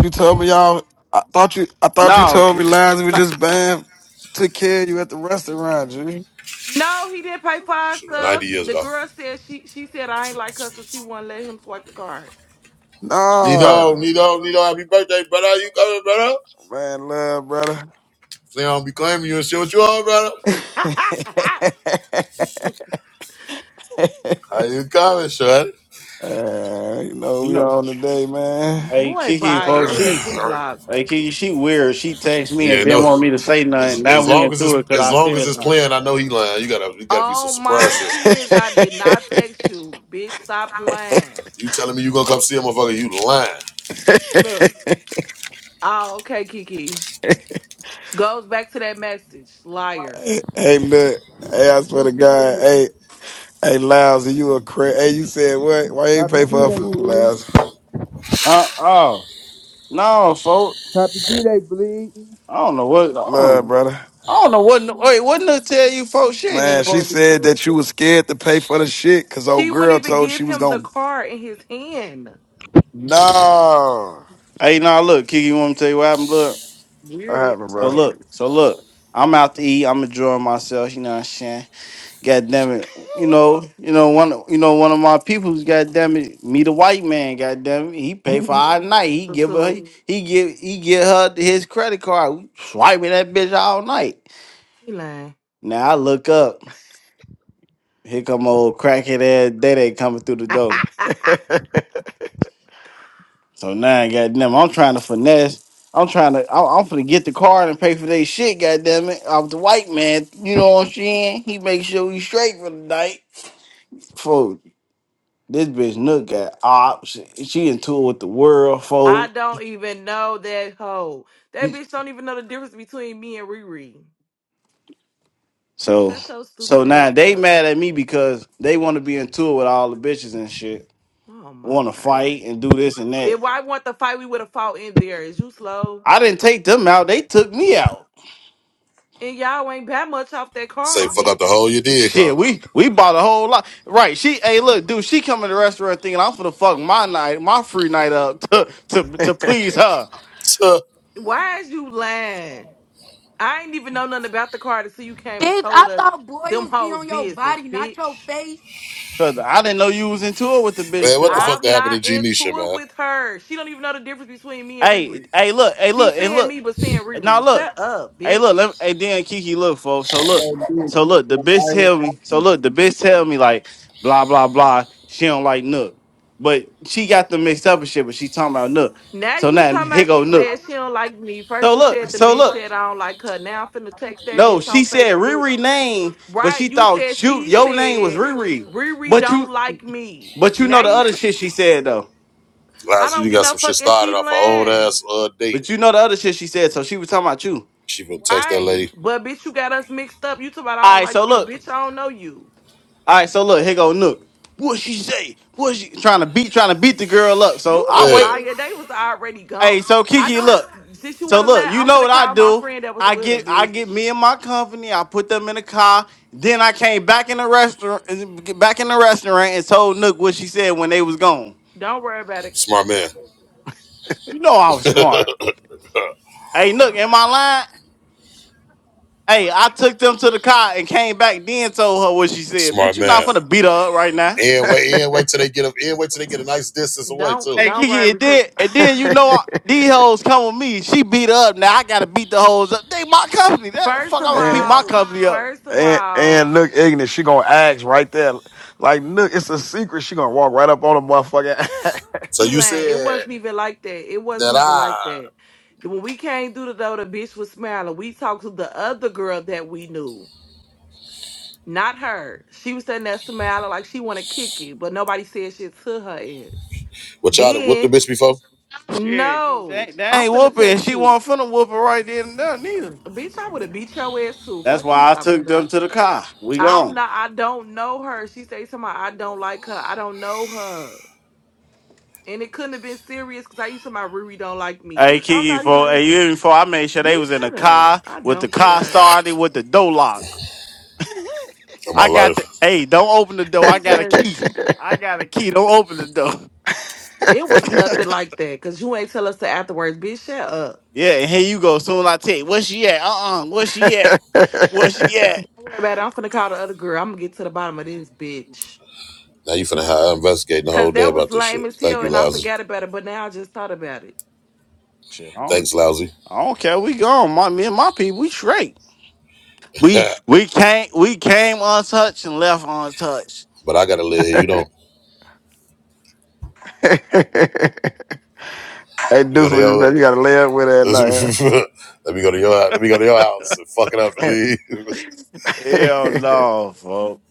S13: You told me y'all. I thought you. I thought you
S1: No,
S13: told me lines were just bam. Took care of you at the restaurant, G.
S9: No, he didn't pay for our
S15: so It was
S9: stuff.
S15: 90 years
S9: The
S15: ago.
S9: girl said she she said I ain't like her, so she wouldn't let him swipe the card.
S15: Nino,
S13: Nah,
S15: Nino, Nino, happy birthday, brother. You coming, brother?
S13: man, love, brother.
S15: Say I'm be claiming you and shit. What you on, brother? How you coming, son?
S13: Uh, you know
S1: you
S13: we
S1: know.
S13: on today, man.
S1: Hey,
S9: Boy,
S1: Kiki,
S9: bye.
S1: folks,
S9: Your ass
S1: she
S9: getting blocked.
S1: Like she, she weird. She texted me and
S15: yeah,
S1: didn't
S15: no.
S1: want me to say nothing.
S15: As,
S1: Now
S15: as
S1: we
S15: long as
S1: into
S15: it's
S1: it because
S15: as
S1: I
S15: long as
S1: said
S15: it's
S1: something.
S15: playing, I know he lying. You gotta you gotta be some
S9: Oh
S15: surprise
S9: my
S15: shit.
S13: hey,
S9: kids, I did not text you. Bitch, stop lying.
S15: You telling me you gonna come see a motherfucker? You lying?
S9: Look. Oh, okay, Kiki. Goes back to that message. Liar.
S13: look. Hey, I swear to
S7: What today
S13: God.
S7: is?
S13: Hey, hey, lousy, you a cra Hey, you said what? Why you ain't
S7: Happy
S13: pay for her
S7: B-Day,
S13: food,
S7: bleed.
S13: lousy?
S1: Uh oh. No, folks.
S7: Happy B-Day, bleed.
S1: I don't know what. I
S13: Love,
S1: don't,
S13: brother.
S1: I don't know what. Wait, what Nook tell you, folks? She ain't even
S13: Man, she
S1: supposed
S13: said
S1: to
S13: that you
S1: be.
S13: was scared to pay for the shit because old
S9: She wouldn't
S13: girl
S9: even
S13: told
S9: give
S13: she was
S9: him the
S13: gonna.
S9: card in his hand.
S13: No,
S1: Hey, now look, Kiki, you want me to tell you what happened, blood?
S13: I
S9: Weird as
S13: haven't,
S1: So
S13: bro.
S1: look,
S9: toes.
S1: so look. I'm out to eat. I'm enjoying myself. You know what I'm saying? God damn it. You know, you know, one you know, one of my people's god damn it, meet a white man, god damn it. He pay for
S7: I
S1: our night. He
S9: So,
S1: give her
S9: so
S1: he give he get her his credit card. We swiping that bitch all night.
S9: he lying.
S1: Now I look up, here come old crackhead ass Day coming through the door. So now goddamn, I'm trying to finesse. I'm trying to I'm, I'm finna get the card and pay for their shit, goddamn it. off the white man. You know what I'm saying? He make sure we straight for the night. This bitch Nook got ops. She she in tour with the world
S9: I
S1: folk.
S9: don't even know that hoe. That bitch don't even know the difference between me and Riri.
S1: So
S9: Shut your
S1: so
S9: stupid
S1: now
S9: ass
S1: they
S9: up.
S1: mad at me because they want to be in tour with all the bitches and shit.
S9: Oh my
S1: Want to
S9: god.
S1: fight and do this and that.
S9: If I want the fight, we would have fought in there. Is you slow?
S1: I didn't take them out. They took me out.
S9: And y'all ain't that much off that
S15: Say
S9: card,
S15: fuck up the
S9: bitch.
S15: hole you did, huh?
S1: Shit, we we bought a whole lot. Right? She, hey, look, dude, she come to the restaurant thinking I'm for the fuck my night, my free night up to to, to please her
S15: Tuh.
S9: Why is you lying? I ain't even know nothing about the card until you came and
S2: bitch. I
S9: told us
S2: thought
S9: them
S2: boils be
S9: hoes
S2: on your
S9: business,
S2: body, not your
S9: bitch.
S2: face.
S1: because I didn't know you was in tour with the bitch.
S15: man, what
S1: Cause
S15: the fuck
S1: I.
S9: I'm
S15: that happened to
S9: not
S15: Genisha,
S9: into it
S15: man?
S9: with her. She don't even know the difference between me and
S1: Hey,
S9: Riri.
S1: hey, look, hey,
S9: She
S1: look, hey,
S9: saying
S1: look.
S9: me, but saying
S1: Now
S9: Riri.
S1: look.
S9: Shut up,
S1: Hey, look,
S9: bitch.
S1: let me, hey, then Kiki, look, folks. So look,
S16: Oh, dude.
S1: so look, the
S16: Like,
S1: bitch tell
S16: I,
S1: me, so look, the bitch tell me like, blah blah blah. She don't like Nook, but she got them mixed up and shit. But she talking about Nook.
S9: Now
S1: So
S9: you
S1: now
S9: talking
S1: here
S9: about
S1: go
S9: she
S1: Nook.
S9: said she don't like me.
S1: So
S9: First you
S1: look,
S9: said the
S1: so
S9: bitch
S1: look.
S9: said I don't like her. Now I'm finna text that
S1: No,
S9: bitch on
S1: she said
S9: Facebook.
S1: Riri name, but she
S9: Right? You said
S1: thought you
S9: she
S1: your name was
S9: said
S1: Riri.
S9: Riri
S1: But you,
S9: don't like me.
S1: but you
S9: Now
S1: know the
S9: you,
S1: other
S9: t-
S1: shit she said though.
S9: I
S15: Last year
S9: don't
S15: you
S9: get
S15: got
S9: no
S15: some shit
S9: fucking
S15: started
S9: she
S15: off an old
S9: lying.
S15: ass uh, date.
S1: But you know the other shit she said. So she was talking about you.
S15: She been text that
S9: Right.
S15: lady.
S9: But bitch, you got us mixed up. You talking about I
S1: All
S9: don't
S1: right,
S9: like
S1: so
S9: you.
S1: look.
S9: Bitch, I don't know you.
S1: All right, so look, here go Nook. What she say? What she trying to beat? Trying to beat the girl up. So
S9: You
S1: I
S9: a
S1: wait.
S15: Yeah.
S9: liar. They was already gone.
S1: Hey, so
S9: I
S1: Kiki,
S9: know how to
S1: look.
S9: since you
S1: So
S9: wanna
S1: look,
S9: laugh,
S1: you
S9: I'm
S1: know what
S9: finna
S1: I
S9: call my
S1: do?
S9: friend that was
S1: I
S9: with her,
S1: get I get
S9: bitch.
S1: me and my company. I put them in a car. Then I came back in the restaurant, back in the restaurant, and told Nook what she said when they was gone.
S9: Don't worry about it.
S15: Smart man.
S1: You know I was smart. Hey Nook, am I lying? Hey, I took them to the car and came back. Then told her what she said.
S15: Smart
S1: Bitch, you not
S15: man.
S1: finna beat her up right now.
S15: And wait, and wait till they get a and wait till they get a nice distance away
S9: Don't
S1: Hey
S15: too.
S9: don't
S1: Kiki,
S9: worry
S1: and
S9: because
S1: then and then you know I- these hoes come with me. She beat her up. Now I gotta beat the hoes up. They my company. That
S9: first
S1: fuck, I'm
S9: of
S1: gonna beat
S13: and,
S1: my
S9: all,
S1: company up.
S9: first of
S13: and
S9: all,
S13: and look ignorant. She gonna ask right there, like look, it's a secret. She gonna walk right up on the motherfucker.
S15: So you
S9: Elan, it
S15: said
S9: wasn't even like that. It
S15: that
S9: wasn't even like
S15: I
S9: that. When we came through the door, the bitch was smiling. We talked to the other girl that we knew. Not her. She was sitting there smiling like she want to kick it, but nobody said shit to her ass.
S15: what y'all done whooped the
S9: Then
S15: bitch before?
S1: Shit,
S9: no,
S1: that, that
S9: I'm
S1: ain't
S9: finna
S1: whooping.
S9: text
S1: She
S9: you,
S1: wasn't finna whoop her right then and there neither.
S9: bitch. I would have beat your ass too.
S1: That's
S9: Fuck you
S1: why I
S9: talking
S1: took
S9: about.
S1: them to the car. We
S9: I'm
S1: gone.
S9: not. I don't know her. She say something. I don't like her. I don't know her. And it couldn't have been serious because I used to my Riri don't like me.
S1: Hey
S9: Bitch, I'm
S1: Kiki,
S9: not even
S1: for hey, you
S9: Riri.
S1: even before I made sure they was
S9: Bitch,
S1: in the
S9: shut up.
S1: car
S9: I
S1: with the
S9: don't
S1: car
S9: care.
S1: started with the door lock.
S15: In my
S1: I got
S15: life.
S1: the hey, don't open the door. I
S9: It's
S1: got a
S9: just
S1: key. I got a key. Don't open the door.
S9: it was nothing like that. Cause you ain't tell us the afterwards. Bitch, shut up.
S1: Yeah, and here you go. Soon I take where she at? Uh uh where she at? Where she at?
S9: Don't worry about it. I'm finna call the other girl. I'm gonna get to the bottom of this bitch.
S15: Now you finna have investigating the
S9: Cause
S15: whole day
S9: that was
S15: about this
S9: lame
S15: shit.
S9: as
S15: Thank
S9: hell
S15: you,
S9: and I
S15: lousy.
S9: forgot about it, but now I just thought about it.
S1: Shit, I don't,
S15: Thanks, lousy.
S1: I don't care. We gone. My me and my people, we straight. We
S15: but
S1: we came we came untouched and left untouched.
S15: I gotta live here, you don't.
S13: hey,
S15: Let me go
S13: Deuce,
S15: to
S13: what you
S15: your
S13: said? You gotta lay up with her at
S15: Let me go to your Let me go to your house and fuck it up and
S13: night.
S15: leave.
S1: Hell
S13: Huh?
S1: no, folks.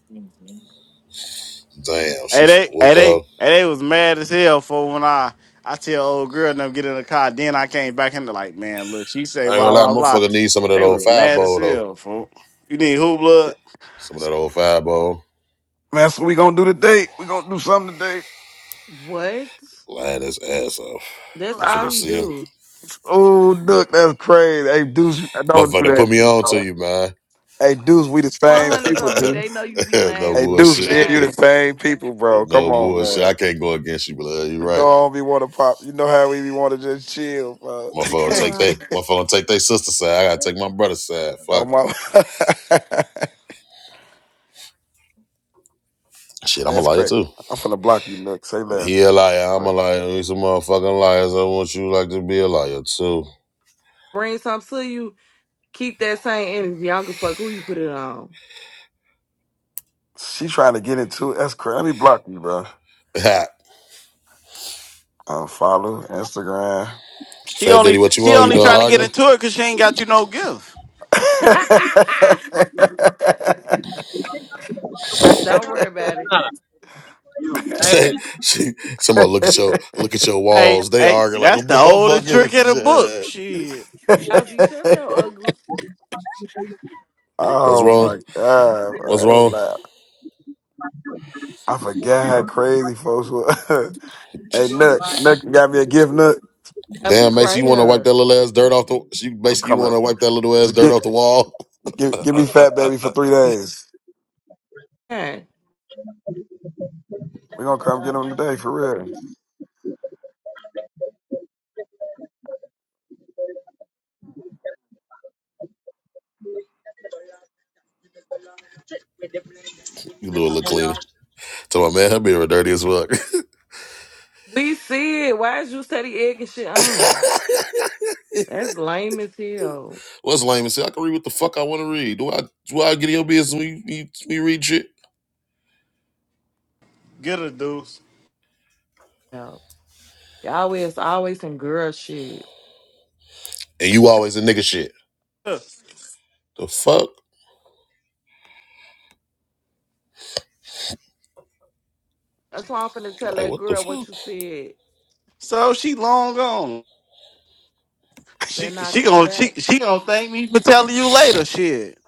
S15: Damn,
S1: Hey
S15: she's
S1: they
S15: finna whoop
S1: hey
S15: the
S1: they hey
S15: hoe.
S1: they was mad as hell for when I I tell old girl and them get in the car, then I came back and they like, man, look, she say
S15: I ain't gonna
S1: blah
S15: lie,
S1: blah blah.
S15: motherfucker need some of that
S1: They
S15: old
S1: was mad as
S15: fireball though.
S1: hell, folks. You need who blood?
S15: Some of that old fireball.
S13: Man, so we gonna do today. We gonna do something today.
S9: What?
S15: Lying his ass off.
S9: That's all
S13: Nah.
S15: Motherfucker,
S9: you
S15: see him.
S9: do.
S13: Oh, look, that's crazy. Hey, Deuce, don't
S15: Motherfucker,
S13: do
S15: done put me on to
S13: that.
S15: you, man.
S13: Hey, Deuce, we the
S9: One
S13: same
S9: hundreds
S13: people,
S9: on me. They
S13: Deuce.
S9: know you be
S15: no
S9: lying
S13: Hey,
S9: too.
S13: Deuce,
S15: bullshit.
S13: me and you
S9: Bad.
S13: the same people, bro. Come
S15: No
S13: on,
S15: bullshit. I
S13: man.
S15: can't go against you, blood. You
S13: You know
S15: right.
S13: I don't be want to pop. You know how we be want to just chill, bro.
S15: Motherfucker, gonna take
S9: Uh,
S15: they. Motherfucker, gonna take their sister side. I gotta take my brother's side.
S13: oh
S15: Fuck.
S13: my,
S15: Shit, I'm a
S13: that's
S15: liar
S13: crazy.
S15: too.
S13: I'm finna block you, Nick. Say less.
S15: He a liar. I'm a
S13: bro.
S15: liar. We some motherfucking liars. I want you like to be a liar too.
S9: bring some to you. Keep that same energy. I don't give a fuck who you put it on.
S13: She trying to get into it. That's crazy. Let me block you, bro.
S15: Ha.
S13: Unfollow Instagram.
S1: She
S15: Fat Daddy,
S1: only
S15: what you
S1: she
S15: want? You
S1: only
S15: done
S1: trying to get
S15: arguing?
S1: into it cause she ain't got you no gift.
S9: don't worry about it.
S17: Ah, I
S15: Say,
S17: see.
S15: she, somebody look at your look at your
S1: Hey,
S15: walls. They
S1: hey,
S15: arguing like
S1: that's
S15: a
S1: the
S15: motherfucker.
S1: oldest
S15: in
S1: trick in the
S15: the
S1: book.
S15: jet.
S1: Shit.
S9: Lousy, shut your ugly
S15: What's
S13: oh
S15: wrong?
S13: my god,
S15: What's wrong?
S13: bro. I forgot how crazy folks were. hey, Nook, Nook, you got me a gift, Nook?
S9: up.
S15: Damn,
S9: It's
S15: Macy,
S9: right
S15: you want to wipe
S9: here.
S15: that little ass dirt off the? She
S13: I'm
S15: basically you
S13: coming.
S15: want to wipe that little ass
S13: Just
S15: dirt
S13: get,
S15: off the wall.
S13: give,
S15: uh,
S13: give
S15: uh,
S13: me
S15: uh,
S13: Fat
S15: uh,
S13: Baby
S15: uh.
S13: for three days.
S9: Man,
S13: We're going to come get him today, for real.
S15: you do a little cleaner. Tell my man, her beer dirty as fuck.
S9: we see it. Why is you steady egging shit on? That's lame as hell.
S15: What's lame and say I can read what the fuck I want to read. Do I do I get in your business when you, you, you read shit?
S1: Get her deuce.
S9: No. Y'all is always some girl shit.
S15: And you always a nigga shit. The fuck?
S9: That's why I'm finna tell
S15: Like
S9: that
S15: what the
S9: girl what
S15: fuck?
S9: you said.
S1: So she long gone.
S9: Better
S1: She
S9: not
S1: she
S9: come
S1: gonna she,
S9: back.
S1: she gonna thank me for telling you later. Shit.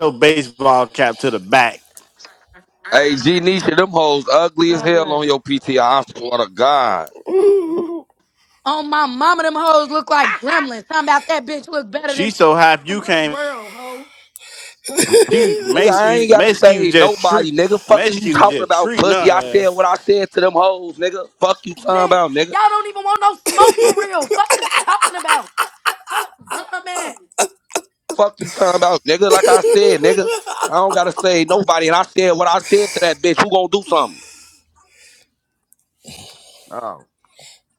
S1: No baseball cap to the back.
S9: Stop lying.
S2: On my mama, them hoes look like gremlins. Talking about that bitch look better than
S1: She
S2: me.
S1: so happy
S2: In
S1: you
S2: what
S1: came.
S2: world, hoe?
S1: She makes you makes you just treat makes you just treat nothing.
S2: bitch. Y'all don't even want no smoke for real. Fuck is you talking about? Fuck bum ass.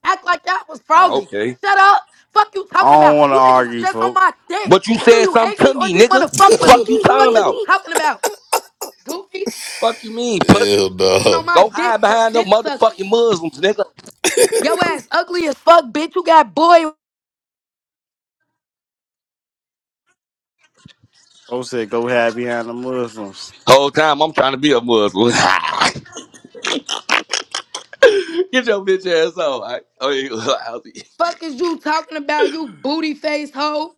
S2: Act like that was froggy. Shut up. Fuck you
S1: I
S2: talking
S1: don't
S2: about.
S1: want to
S2: You niggas was
S1: argue,
S2: just on
S1: folks.
S2: my dick. Do you hate me or do you want to fuck with me? Fuck is you talking about? Goofy
S15: Hell
S2: on
S15: no.
S2: my dick, to dick sucking. Yo ass ugly as fuck, bitch. You got boy.
S1: Folks said go hide behind the Muslims.
S2: Fuck is you talking about? You booty face hoe.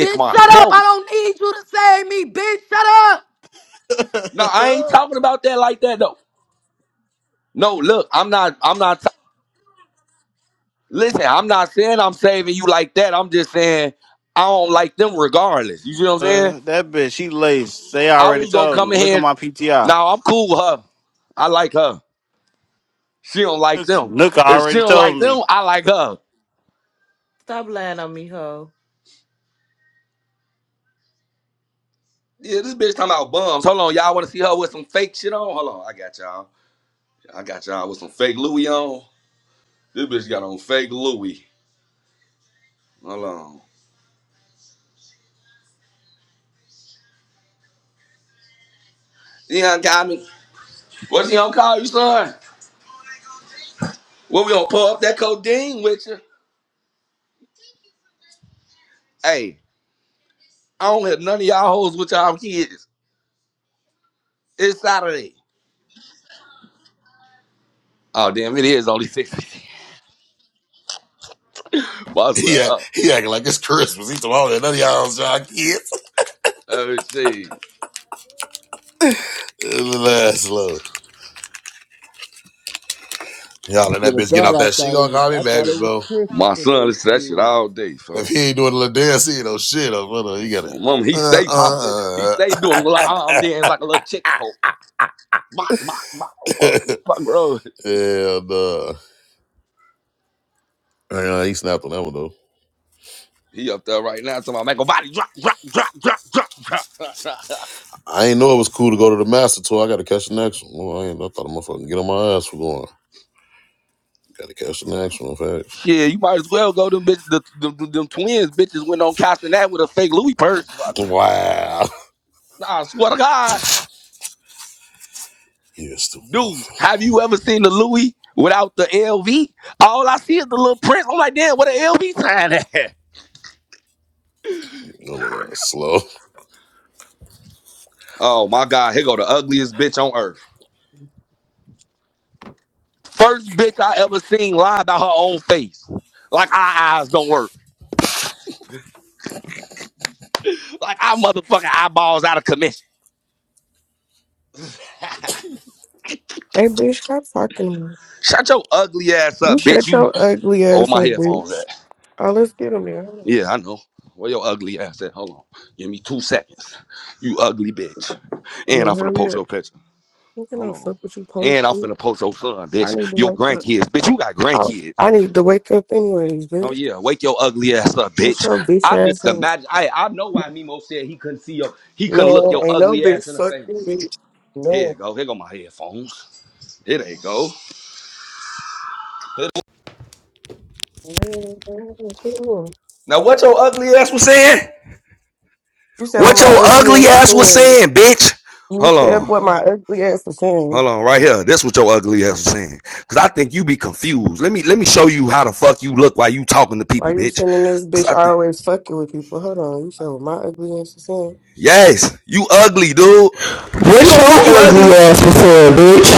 S2: Bitch, shut up. I don't need you to save me. Bitch, shut up.
S1: Uh, that bitch, she laced. They already told me. Look at my PTI. Nuka already told me.
S9: Stop lying on me, ho.
S15: He, act- he acting like it's Christmas. He told all that none of y'all was y'all kids. Last love. Y'all and
S7: swear
S15: that
S7: to
S15: bitch get off
S7: God, I
S15: that. She
S7: thought it
S15: gonna
S7: was.
S15: call me
S7: I thought
S15: baby,
S7: it was
S15: bro.
S7: Christmas today, shit.
S15: If he ain't doing a little dance, he ain't no shit up. Hold you gotta. Uh, uh, uh. Hell no. Yeah, he snapped on that one though. I ain't know it was cool to go to the master tour. I gotta catch the next one. Well, I ain't. I thought I'm gonna fucking get on my ass for going. Gotta catch the next one. In fact, wow. Yeah, stupid motherfucker. Your little ass slow.
S18: What's your ugly ass for, saying, bitch?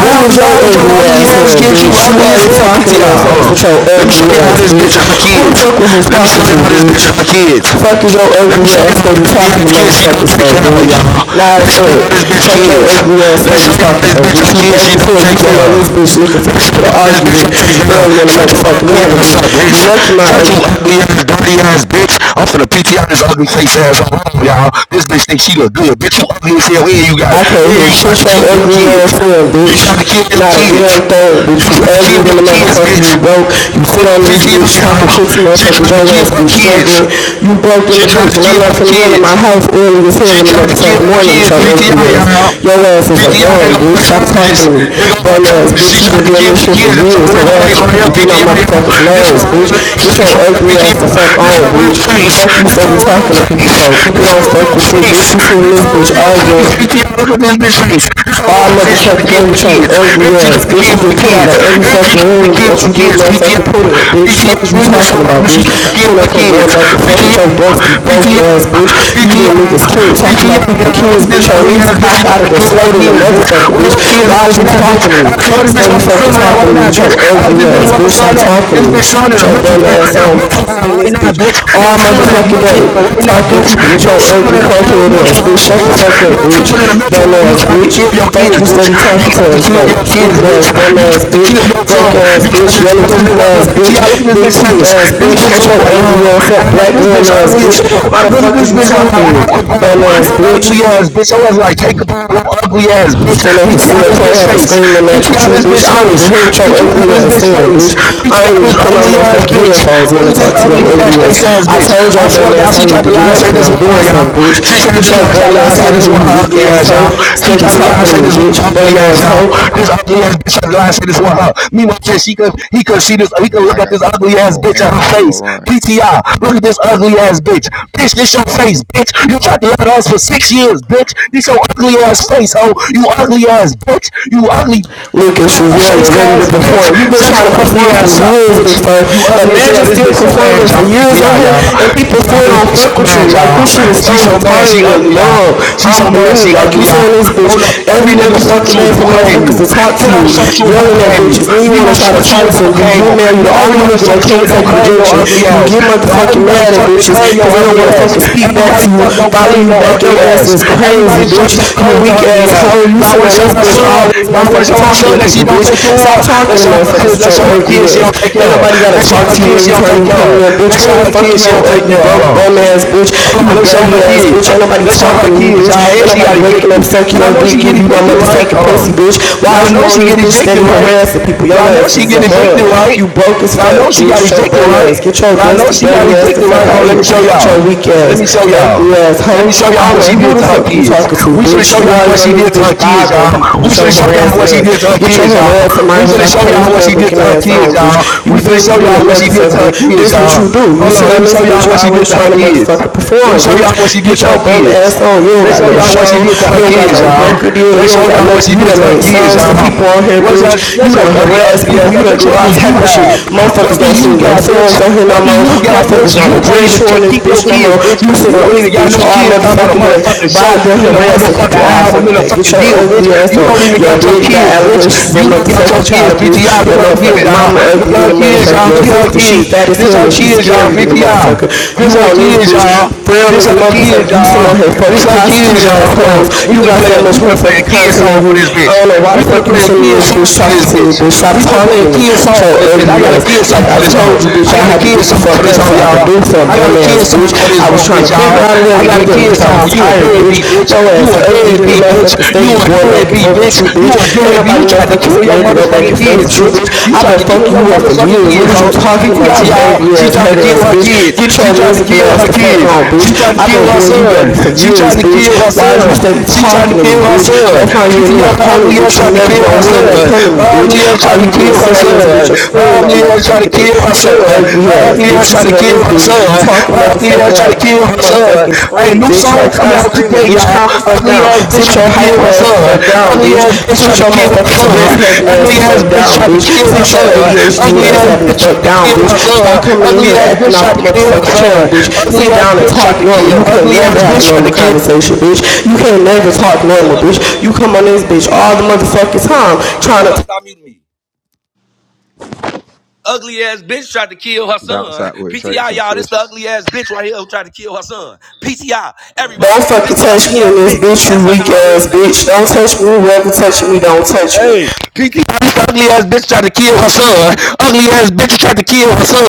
S18: What was your ugly ass
S19: ass
S18: saying,
S19: get you
S18: bitch? You
S19: ugly as
S18: always
S19: hell,
S18: talking to
S19: PTI. Hold
S18: motherfuckers
S19: on.
S18: with your
S19: Let me show
S18: ugly
S19: y'all how
S18: ass,
S19: this bitch
S18: bitch.
S19: and her
S18: Who the
S19: kids.
S18: fuck was you
S19: Let me
S18: talking
S19: show
S18: to,
S19: y'all how this bitch
S18: bitch?
S19: and her kids.
S18: Fuck is your
S19: Let me
S18: ugly
S19: show you
S18: ass
S19: how
S18: that
S19: what
S18: you
S19: dirty ass
S18: talking to
S19: kids she don't
S18: motherfuckers
S19: take
S18: for,
S19: care of,
S18: bitch?
S19: y'all.
S18: Nah, as
S19: Let's show you
S18: fuck.
S19: how this bitch
S18: Fuck your
S19: kids.
S18: ugly ass that
S19: Let's show
S18: you
S19: you how
S18: talking
S19: this
S18: for,
S19: bitch
S18: bitch.
S19: our
S18: You
S19: kids she
S18: broke as
S19: don't
S18: hell. You
S19: take care
S18: sitting on this
S19: of.
S18: bitch looking for
S19: Let's show
S18: people
S19: you
S18: to
S19: how this
S18: argue
S19: bitch I
S18: with
S19: take care of.
S18: early in the
S19: Shut your
S18: motherfucking
S19: ugly
S18: morning,
S19: ass
S18: bitch.
S19: up, bitch.
S18: You lucky my
S19: Shut your
S18: ugly...
S19: ugly ass, dirty ass bitch. I'm for finna PTI this ugly face ass all over, y'all. This bitch thinks she look good. Bitch, you ugly as hell. Yeah, you got it.
S18: I can't
S19: Yeah,
S18: hear
S19: you tried
S18: shit
S19: to
S18: your
S19: kill your
S18: ugly
S19: kids.
S18: ass saying,
S19: You tried to
S18: bitch.
S19: kill your
S18: Not a
S19: kids.
S18: damn thing,
S19: You
S18: bitch. You
S19: tried to kill
S18: ugly than
S19: your
S18: a
S19: kids,
S18: motherfucker.
S19: bitch.
S18: You broke. You
S19: Hold
S18: sit
S19: on,
S18: on this
S19: PTI,
S18: bitch talking
S19: y'all.
S18: shit to
S19: She
S18: motherfuckers.
S19: tried to
S18: Your
S19: kill
S18: ass
S19: her
S18: be
S19: kids.
S18: struggling. You broke in
S19: She
S18: the
S19: tried
S18: bitch.
S19: to
S18: And I'm
S19: kill
S18: not
S19: her
S18: finna yell in my
S19: kids.
S18: house early this hell
S19: She
S18: in the
S19: tried to kill
S18: motherfucking
S19: her
S18: morning with
S19: kids.
S18: your ugly
S19: PTI,
S18: ass.
S19: y'all.
S18: Your ass is a
S19: PTI
S18: bum,
S19: got her
S18: bitch. Stop talking
S19: charges.
S18: to me.
S19: They got her
S18: Bum ass,
S19: charges. She
S18: bitch. You
S19: tried
S18: been
S19: to
S18: doing
S19: kill
S18: this
S19: her
S18: shit for
S19: kids. That's a
S18: years.
S19: real face
S18: Harassing
S19: right here,
S18: people.
S20: Y'all
S18: Getting on
S20: hoes
S19: PTI,
S20: need to
S19: y'all.
S18: motherfuckers'
S20: shut the
S19: This a
S18: nerves,
S20: fuck
S18: bitch.
S20: up.
S19: real ass
S18: Get your
S19: face right here,
S18: ugly ass the
S19: PTI.
S18: fuck
S19: This
S18: on,
S19: a real
S18: bitch.
S19: face.
S18: Fuck you
S19: This
S18: say
S19: a
S18: you
S19: real
S18: talking to people
S19: face.
S18: for. People
S19: This a
S18: don't fuck
S19: real
S18: with you,
S19: face.
S18: bitch. You seen
S19: This
S18: this
S19: a
S18: bitch
S19: real
S18: arguing
S19: face, PTI. Look at this face. This a real
S18: all
S19: face. she tried to
S18: motherfucking
S19: kill
S18: day
S19: her
S18: with your
S19: kids.
S18: ugly
S19: And she
S18: ass.
S19: tried to
S18: Bitch, you
S19: kill her
S18: get put out
S19: kids.
S18: of every
S19: And she
S18: fucking
S19: tried to
S18: room
S19: kill
S18: that
S19: her
S18: you get
S19: kids,
S18: motherfucking
S19: PTI.
S18: put in. Bitch, fuck is
S19: PTI,
S18: you
S19: we been so
S18: talking about,
S19: ugly.
S20: Somebody
S19: She
S18: bitch?
S19: tried to
S20: slap
S19: kill
S18: Pull
S20: this
S19: her
S18: up here
S20: hoe.
S18: going
S19: kids.
S18: back and forth with your
S19: PTI.
S18: dusty, broke ass, bitch.
S19: PTI.
S18: You get
S19: PTR,
S18: niggas killed talking about
S19: PTR,
S18: people
S19: yeah, I rip
S18: kids,
S19: this
S18: bitch. Your
S19: out who
S18: knees
S19: yeah, bitch,
S18: cock
S19: you
S18: out
S19: got
S18: of
S19: to
S18: the
S19: kill
S18: slow
S19: my
S18: than a
S19: kids, bitch.
S20: Ah,
S18: motherfucker,
S19: Where
S20: fuck
S18: bitch.
S19: your kids at
S18: Why is
S19: right
S20: Julio.
S18: you
S19: now, bitch.
S18: talking
S20: Fuck
S18: to
S19: I
S18: me?
S19: saw
S20: Julio,
S19: this bitch
S18: Steady
S19: while I'm
S20: mama.
S18: fucking
S19: selling that
S18: talking
S19: right
S18: to me
S19: now,
S18: with your
S19: bitch. I
S18: ugly
S19: this bitch
S18: ass,
S19: while I'm
S18: bitch.
S20: I'm
S19: selling
S18: Stop
S19: that.
S20: smoking
S18: talking
S19: This
S18: to
S19: bitch
S20: Julio,
S18: me
S19: son in a
S18: your
S19: mental
S18: bum
S20: Julio.
S19: home,
S18: ass
S19: in a
S18: on, bitch.
S19: mental
S18: You sit
S19: home
S18: in
S19: right
S18: this
S19: now,
S18: bitch
S19: bitch. Your
S18: all
S19: son in a
S18: motherfucking
S19: mental
S18: day
S19: home right now,
S18: talking to
S19: bitch.
S18: people with
S19: Your
S18: your
S19: son
S18: ugly
S19: in a whole
S18: crackhead ass,
S19: mental
S18: bitch.
S19: home,
S20: Fuck
S18: Shut the
S19: bitch.
S20: that
S18: fuck
S20: dead
S18: up,
S19: Your
S20: ass
S18: bitch.
S19: son in
S20: nigga.
S19: a mental
S18: Bum
S19: home, you
S18: ass,
S19: tried to
S18: bitch.
S19: kill your
S18: Fuck
S19: kids,
S18: you
S19: bitch.
S18: steady
S19: You
S18: talking
S19: tried
S18: to
S19: to
S18: us,
S19: kill your
S18: folks.
S19: kids,
S18: Stupid
S19: bitch.
S18: ass, dumb
S19: You
S18: ass,
S19: tried to
S18: bitch.
S19: kill your son.
S18: Broke ass,
S19: You tried
S18: bitch.
S19: to
S18: Yellow
S19: tell this
S18: teeth
S19: nigga up, no
S18: ass, bitch.
S19: PTR, look at this
S18: Big
S19: bitch
S18: teeth
S19: face
S18: ass,
S19: face. This
S18: bitch.
S19: bitch
S18: Shut
S19: look
S18: your
S19: like
S18: ugly
S19: um,
S18: ass up, black
S19: this
S18: girl
S19: bitch
S18: ass,
S19: ugly as
S18: bitch.
S19: hell.
S18: Why the
S19: Look at
S18: fuck is
S19: this
S20: Hey,
S18: you
S19: bitch
S20: y'all go
S19: look
S18: talking
S19: like
S20: piss
S18: to me?
S19: Al
S20: on his
S18: Bum
S19: Capone.
S20: grave
S18: ass,
S19: You
S20: for me.
S18: bitch.
S19: ugly ass
S20: Type
S19: bitch. I
S20: shit.
S19: was like, take Capone, you ugly ass bitch.
S18: Then they
S19: BT
S18: sit
S19: out
S18: up
S19: this
S18: front
S19: bitch
S18: have to
S19: face.
S18: scream and match
S19: BT
S18: with
S19: out
S18: you,
S20: I
S19: this
S20: got
S18: bitch.
S19: bitch
S20: shit
S18: I don't
S20: to
S18: even
S19: face.
S20: do
S18: hear
S20: this
S18: what your
S19: BT
S20: weekend.
S19: out
S18: ugly
S19: this
S18: ass
S19: bitch
S18: saying,
S19: face.
S18: bitch.
S19: BT
S18: I ain't
S19: out
S18: even
S19: this
S18: put my
S19: ugly ass
S18: motherfucking
S19: bitch.
S18: headphones in
S19: Look
S18: to
S19: at this
S18: talk to your
S19: ugly fat
S18: ugly ass.
S19: face ass
S18: I
S19: bitch.
S18: told your
S19: I swear to
S18: bum
S19: God,
S18: ass I
S19: she
S18: need
S19: tried to
S18: to get
S19: lie and
S18: up
S19: say
S18: because
S19: this
S18: I'm
S19: one lie,
S18: doing
S19: y'all.
S18: something, bitch.
S19: She tried to
S18: Get
S19: just
S18: your
S19: lie, try
S18: bum
S19: lie
S18: ass
S19: and say
S18: out of
S19: this
S18: here,
S19: one
S18: you
S19: her
S18: weak
S19: ugly
S18: ass
S19: ass,
S18: hoe.
S19: y'all. She
S18: Steady
S19: tried to lie and
S18: talking to
S19: say
S18: me,
S19: this one
S18: bitch.
S19: her ugly
S18: Bum
S19: ass,
S18: ass
S19: y'all.
S18: hoe.
S19: This ugly ass bitch, I love God shit is for Meanwhile, she could he could see this he could
S20: Now
S19: look
S20: I
S19: at
S20: got
S19: this
S20: some
S19: ugly ass
S20: more
S19: bitch in her
S20: errands to go
S19: face.
S20: run.
S19: PTI, look at this ugly ass bitch. Bitch, this your face, bitch. You tried to love us for six years, bitch. This your ugly ass face, ho. You ugly ass bitch. You ugly
S18: Lucas, you young
S19: face
S18: and ready to
S19: ass bitch.
S18: perform. You've been
S19: Shut
S18: trying
S19: your
S18: to
S19: ugly
S18: perform for
S19: ass up,
S18: years
S19: bitch.
S18: before.
S19: You ugly as hell.
S18: Imagine
S19: This
S18: still
S19: bitch so
S20: Alright,
S19: mad,
S18: performing for
S19: y'all.
S20: bro.
S18: years on
S19: PTI,
S18: here
S19: y'all.
S20: How
S18: and
S20: mad
S18: people
S20: you
S19: PTI,
S20: is,
S18: still
S19: this
S18: don't
S20: though,
S19: bitch
S20: bro?
S18: fuck
S19: so
S18: with you.
S19: mad,
S18: Like
S19: y'all.
S18: this shit is so
S19: She so mad, she
S18: retarded and
S19: ugly, y'all.
S18: dumb.
S19: She
S18: I'm
S19: so mad, she
S18: blue.
S19: ugly
S18: Like
S19: ugly,
S18: you sit
S19: y'all.
S18: on this
S19: No,
S18: bitch
S19: no.
S20: How
S19: Every
S18: every
S19: nigga
S20: mad
S19: fuck
S18: motherfucking
S20: you is,
S19: you,
S18: day for
S20: bro,
S19: don't
S20: from
S19: claim
S20: 1 to
S18: motherfuckers
S19: you.
S18: to
S20: 10?
S18: talk to
S19: Kiddo
S18: you.
S19: fuck you, don't
S18: Yelling at
S19: claim you.
S18: bitches. Then you wanna
S19: Mimo
S18: try to
S19: fuck
S18: talk
S19: you,
S18: to them.
S19: don't
S18: You
S19: claim
S18: get
S19: you.
S18: mad. You are
S19: Not
S18: the only
S19: everybody
S18: nigga that
S19: fuck you,
S18: can't
S19: don't
S18: take
S19: claim
S20: Look,
S19: your
S20: that
S18: rejection.
S20: boy a
S19: ugly
S18: You
S19: ass.
S20: 10.
S18: get
S19: Not
S18: motherfucking
S19: everybody
S18: mad at
S19: fuck, they
S18: bitches
S19: claim your
S18: because they don't
S19: ugly
S18: wanna
S19: ass.
S18: fucking speak back
S19: Everybody
S18: to you.
S19: fuck, don't
S18: Follow
S19: claim
S18: you
S19: your
S18: back. Your
S19: ugly
S18: ass
S19: ass.
S18: is crazy,
S19: Everybody fuck,
S18: bitch.
S19: don't
S18: You
S19: claim your
S18: weak
S19: ugly
S18: ass hoe
S19: ass.
S18: hoe you
S19: Y'all
S18: sitting
S19: wanna
S18: on
S19: show
S18: this
S19: her
S18: bitch
S19: son?
S18: always
S19: Y'all wanna
S18: motherfucking
S19: show her
S18: talking
S19: son
S18: to
S19: that she
S18: people,
S19: don't
S18: bitch.
S19: take care
S18: Stop
S19: of? Let's
S18: talking to
S19: show her kids,
S18: motherfuckers with
S19: let's
S18: your
S19: show her
S18: ugly
S19: kids she
S18: ass.
S19: don't take
S18: Ain't
S19: care of.
S18: nobody gotta
S19: Let's show
S18: talk
S19: her
S18: to you
S19: kids she
S18: every
S19: don't
S18: time
S19: take
S18: you come
S19: care of.
S18: in, bitch.
S19: Let's show
S18: We ain't
S19: her
S18: fucking
S19: kids she
S18: your
S19: don't take
S18: ugly,
S19: care of. Hold
S18: broke,
S19: on.
S18: bum
S20: Cheating
S18: ass bitch.
S20: issue.
S19: Hold
S18: You
S19: on, let's show
S18: dirty
S19: her
S18: ass bitch.
S19: kids.
S18: Ain't nobody
S19: Let's show her
S18: talking to you,
S19: kids,
S18: bitch.
S19: y'all.
S18: Ain't
S19: And she
S18: nobody
S19: got
S18: waking up
S19: evicted.
S18: sucking
S19: Y'all
S18: your
S19: know
S18: dick,
S19: she
S18: give
S19: get
S18: you no
S19: evicted, right?
S18: motherfucking
S19: Hold
S18: pussy,
S19: on.
S18: bitch. Why is
S19: Y'all
S18: you
S19: know
S18: on
S19: she
S18: this
S19: get
S18: bitch
S19: evicted,
S18: steady
S19: right?
S18: harassing people? Your
S19: Y'all know
S18: ass
S19: she
S18: is
S19: get
S18: a bug.
S19: evicted, right?
S18: You broke as
S19: Y'all know
S18: fuck,
S19: she got
S18: bitch. Your
S19: evicted,
S18: bum
S19: right?
S18: ass. Get your
S19: Y'all know
S18: dusty,
S19: she
S18: dirty
S19: got
S18: ass the
S19: evicted,
S20: Me and
S18: fuck
S19: right? Hold
S18: out
S19: on,
S18: of
S20: Twin
S19: let me
S20: gonna
S18: here.
S20: be
S19: show
S20: rolling
S18: Your
S20: the
S19: y'all.
S18: weak
S20: pack.
S19: Let
S18: ass,
S19: me show
S18: ugly
S19: y'all.
S18: ass
S19: Let
S18: hoe.
S19: me show
S18: I
S19: y'all
S18: don't
S19: what
S18: know
S19: she
S18: know
S19: did
S18: who the
S19: to her
S18: fuck you
S19: kids.
S18: talking to,
S19: We finna
S18: bitch.
S19: show
S18: You
S19: y'all
S18: always
S19: what
S18: on
S19: she
S18: this
S19: did to
S18: bitch
S19: her kids,
S18: bothering
S19: y'all.
S18: people
S19: We
S18: with your
S19: finna show y'all
S18: harassing
S19: what she did to
S18: ass.
S19: her
S18: Get your
S19: kids, y'all.
S18: harassing
S19: We
S18: minors
S19: finna
S18: off
S19: show
S18: Players
S19: y'all what
S18: Club
S19: she did
S18: looking
S19: to her
S18: ass
S19: kids,
S18: on, bitch.
S19: y'all.
S18: You
S19: We finna
S18: filthy
S19: show
S18: than a
S19: y'all what she did to
S18: motherfucker.
S19: her kids,
S18: This what
S19: y'all.
S18: you do. You
S19: Hold
S18: sit
S19: on, let
S18: on
S19: me
S18: this
S19: show y'all
S18: bitch
S19: what she did
S18: always
S19: to her
S18: trying to
S19: kids.
S18: motherfucker
S19: Let me
S18: perform,
S19: show
S18: bitch.
S19: y'all what she did
S18: Get
S19: to
S18: your
S19: her
S18: bum
S19: kids.
S18: ass on. You don't
S19: Let's
S18: got
S19: show
S18: no
S19: y'all
S18: show.
S19: what she did to her
S18: You don't got
S19: kids,
S18: no
S19: y'all.
S18: record deal. You
S19: Let's show
S18: don't got
S19: y'all what
S18: nothing.
S19: she
S18: You
S20: One
S19: did
S18: done
S20: more
S19: to her
S18: made
S20: time,
S19: kids,
S20: one
S18: songs for
S20: more
S19: y'all.
S18: people
S20: time.
S18: on here,
S19: What's
S18: bitch.
S19: your, that's
S18: You
S19: your
S18: done
S19: dirty,
S18: harassed
S19: ugly
S18: people.
S19: ass
S18: You
S19: up,
S18: done
S19: bitch?
S18: did
S19: What do
S18: all
S19: you
S18: type of shit.
S19: have? What
S18: Motherfuckers
S19: do
S18: don't
S19: you
S18: sing your
S19: got, bitch?
S18: songs on here no
S19: What do
S18: more.
S19: you got,
S18: Motherfuckers
S19: bitch?
S18: don't
S19: You can't
S18: address
S19: even
S18: you on
S19: take,
S18: this
S19: keep your
S18: bitch no more.
S19: kids,
S18: I'ma
S19: bitch.
S18: use it
S19: You
S18: on
S19: don't
S18: this
S19: even got
S18: bitch
S19: no
S18: all
S19: kids talking about a
S18: motherfucking day.
S19: motherfucking
S18: But
S19: show
S18: I've been
S19: in a
S18: harassing
S19: motherfucking
S18: people all
S19: album
S18: fucking
S19: in a
S18: day. Get
S19: fucking
S18: your
S19: deal, bitch.
S18: ugly ass
S19: You
S18: on.
S19: don't even
S18: Your
S19: got your
S18: daddy got
S19: kids, bitch.
S18: allegations of
S19: You don't got
S18: motherfucking
S19: your kids,
S18: child abuse.
S19: PTI. Look
S18: Your
S19: at her kids,
S18: motherfucking
S19: y'all.
S18: mama
S19: Look
S18: ugly
S19: at
S18: than
S19: her
S18: a
S19: kids,
S18: motherfucker.
S19: y'all.
S18: Your
S19: Look at her
S18: sister, she
S19: kids.
S18: fat as
S19: This
S18: hell
S19: her
S18: and she
S19: kids, y'all,
S18: scary than a
S19: PTI.
S18: motherfucker. You
S19: This her
S18: on this
S19: kids,
S18: bitch
S19: y'all.
S18: brown
S19: This
S18: as a
S19: our kids,
S18: motherfucker. You sitting
S19: y'all.
S18: out here
S19: This
S18: fucking
S19: our
S18: prostitute
S19: kids, y'all. Hold on.
S18: assholes.
S19: We
S18: You
S19: finna
S18: got
S19: play
S18: so
S19: a
S18: much
S19: we finna play a
S18: motherfucking
S19: kid
S18: content on
S19: song for
S18: you.
S19: this
S18: I
S19: bitch.
S18: don't know why
S19: We
S18: the
S19: finna
S18: fuck you
S19: play a
S18: sending
S19: kid
S18: this
S19: song
S18: bitch
S19: for this
S18: talking to me,
S19: bitch.
S18: bitch. Stop
S19: We finna play
S18: talking
S19: a
S18: to me.
S19: kid
S18: So
S19: song for this bitch. I
S18: ugly
S19: got a
S18: ass.
S19: kid
S18: Like
S19: song for
S18: I
S19: this hoe.
S18: told you, bitch,
S19: I
S18: I
S19: got a
S18: had to
S19: kid
S18: get the
S19: song for
S18: fuck
S19: this
S18: up
S19: hoe,
S18: so I could
S19: y'all.
S18: do something,
S19: I got a
S18: bum
S19: kid
S18: ass
S19: song
S18: bitch.
S19: for this
S18: I was
S19: broke
S18: trying
S19: bitch,
S18: to figure
S19: y'all.
S18: out a way
S19: I
S20: We
S18: to
S20: ain't
S19: got
S18: get
S19: a
S20: lost
S18: there
S19: kid
S20: no
S18: because I was
S19: song.
S20: rank,
S19: You a
S18: tired,
S20: bitch.
S18: bitch.
S19: deadbeat bitch.
S18: Yo
S19: You
S18: ass
S19: a
S18: ugly, did a
S19: deadbeat bitch.
S18: motherfucker
S19: You
S18: steady
S20: When
S19: a
S20: we
S18: going
S20: drop
S18: back and
S19: deadbeat
S20: this
S18: forth
S20: on
S18: with
S19: bitch
S18: you,
S20: part
S19: bitch.
S20: two
S19: You
S18: bitch.
S20: or
S19: a
S20: free
S18: Ain't
S20: cloud.
S19: deadbeat.
S20: When
S19: You
S18: nobody
S20: we
S19: tried to
S20: drop
S18: motherfucking
S20: this
S19: kill your
S18: scared
S20: on
S18: scared to
S20: part
S18: go
S20: two or
S18: back
S19: motherfucking
S18: and
S20: free
S18: forth
S19: kids,
S18: with
S20: cloud.
S18: you,
S20: When
S19: bitch.
S20: we
S18: bitch.
S20: drop
S19: You
S18: I've
S19: tried
S20: this
S18: been
S19: to
S20: on
S19: kill
S18: fucking
S20: part
S19: your
S18: you
S20: two
S18: up
S20: or
S18: for
S20: free
S19: motherfucking
S18: years. What
S19: kids,
S18: are
S20: cloud,
S18: you
S19: ho.
S20: bitch.
S18: talking about,
S19: PTI,
S18: you
S19: y'all.
S18: angry
S19: She
S18: ass,
S19: tried to
S18: hurt ass
S19: kill her
S18: bitch?
S19: kids.
S18: Get your
S19: She tried to
S18: miserable
S19: kill
S18: ass
S19: her
S18: the fuck
S19: kids.
S18: on, bitch.
S19: She tried to
S18: I've
S19: kill
S18: been
S19: her
S18: doing you
S19: son.
S18: dirty for
S19: She
S18: years,
S19: tried to
S18: bitch.
S19: kill her
S18: Why are you
S19: son.
S18: steady
S19: She tried to
S18: talking to me,
S19: kill her
S18: bitch? Go
S19: son.
S18: find you a new
S19: PTI, her
S18: opponent,
S19: ugly ass
S18: bitch. You
S19: tried to
S18: never
S19: kill
S18: gonna
S19: her
S18: win when it
S19: son.
S18: come to me,
S19: Her
S18: bitch.
S19: ugly ass
S18: All
S19: tried to
S18: you do
S19: kill
S18: is
S19: her
S18: sit on this
S19: son.
S18: bitch and
S19: Her
S18: scream all
S19: ugly ass tried to
S18: motherfucking day
S19: kill her
S18: with
S19: son.
S18: your ugly ass,
S19: Ugly
S18: bitch.
S19: ass
S18: You
S19: try to
S18: sit on this
S19: kill her
S18: bitch
S19: son.
S18: talking
S19: Ugly
S18: motherfucking
S19: ass try to
S18: like
S19: kill
S18: you
S19: her son.
S18: motherfucking
S19: Hey,
S18: scream,
S19: new
S18: bitch.
S19: song
S18: Like,
S19: coming
S18: stop
S19: out
S18: screaming,
S19: today,
S18: bitch.
S19: y'all.
S18: Calm the fuck
S19: Ugly
S18: down.
S19: ass bitch
S18: Sit
S19: try to
S18: your
S19: kill
S18: hyper
S19: her
S18: ass the
S19: son.
S18: fuck down,
S19: Ugly
S18: bitch.
S19: ass bitch
S18: Sit
S19: try to
S18: your
S19: kill her
S18: motherfucking Tourette's
S19: son.
S18: having ass
S19: Ugly
S18: the
S19: ass
S18: fuck
S19: bitch
S18: down,
S19: try to
S18: bitch.
S19: kill her
S18: Sit your
S19: son.
S18: ADHD
S19: Ugly
S18: ass
S19: ass
S18: having the
S19: bitch try
S18: fuck
S19: to
S18: down,
S19: kill
S18: bitch.
S19: her son.
S18: Stop coming in
S19: Ugly
S18: here
S19: ass
S18: acting
S19: bitch
S18: off
S19: try
S18: the
S19: to kill her
S18: motherfucking chain,
S19: son.
S18: bitch.
S19: Ugly
S18: Sit
S19: ass
S18: down and
S19: bitch try
S18: talk
S19: to
S18: normal. You
S19: kill.
S18: can't
S19: Ugly
S18: never
S19: ass
S18: have a
S19: bitch try to
S18: normal
S19: kill.
S18: conversation, bitch. You can't never talk normal, bitch. You come on this bitch all the motherfucking time trying to.
S20: Bounce out with traits and switches.
S18: Don't fucking touch me in this bitch, you weak ass bitch. Don't touch me. Whoever touching me, don't touch me.
S19: Ugly ass bitch try to kill her son. Ugly ass bitch try to kill her son.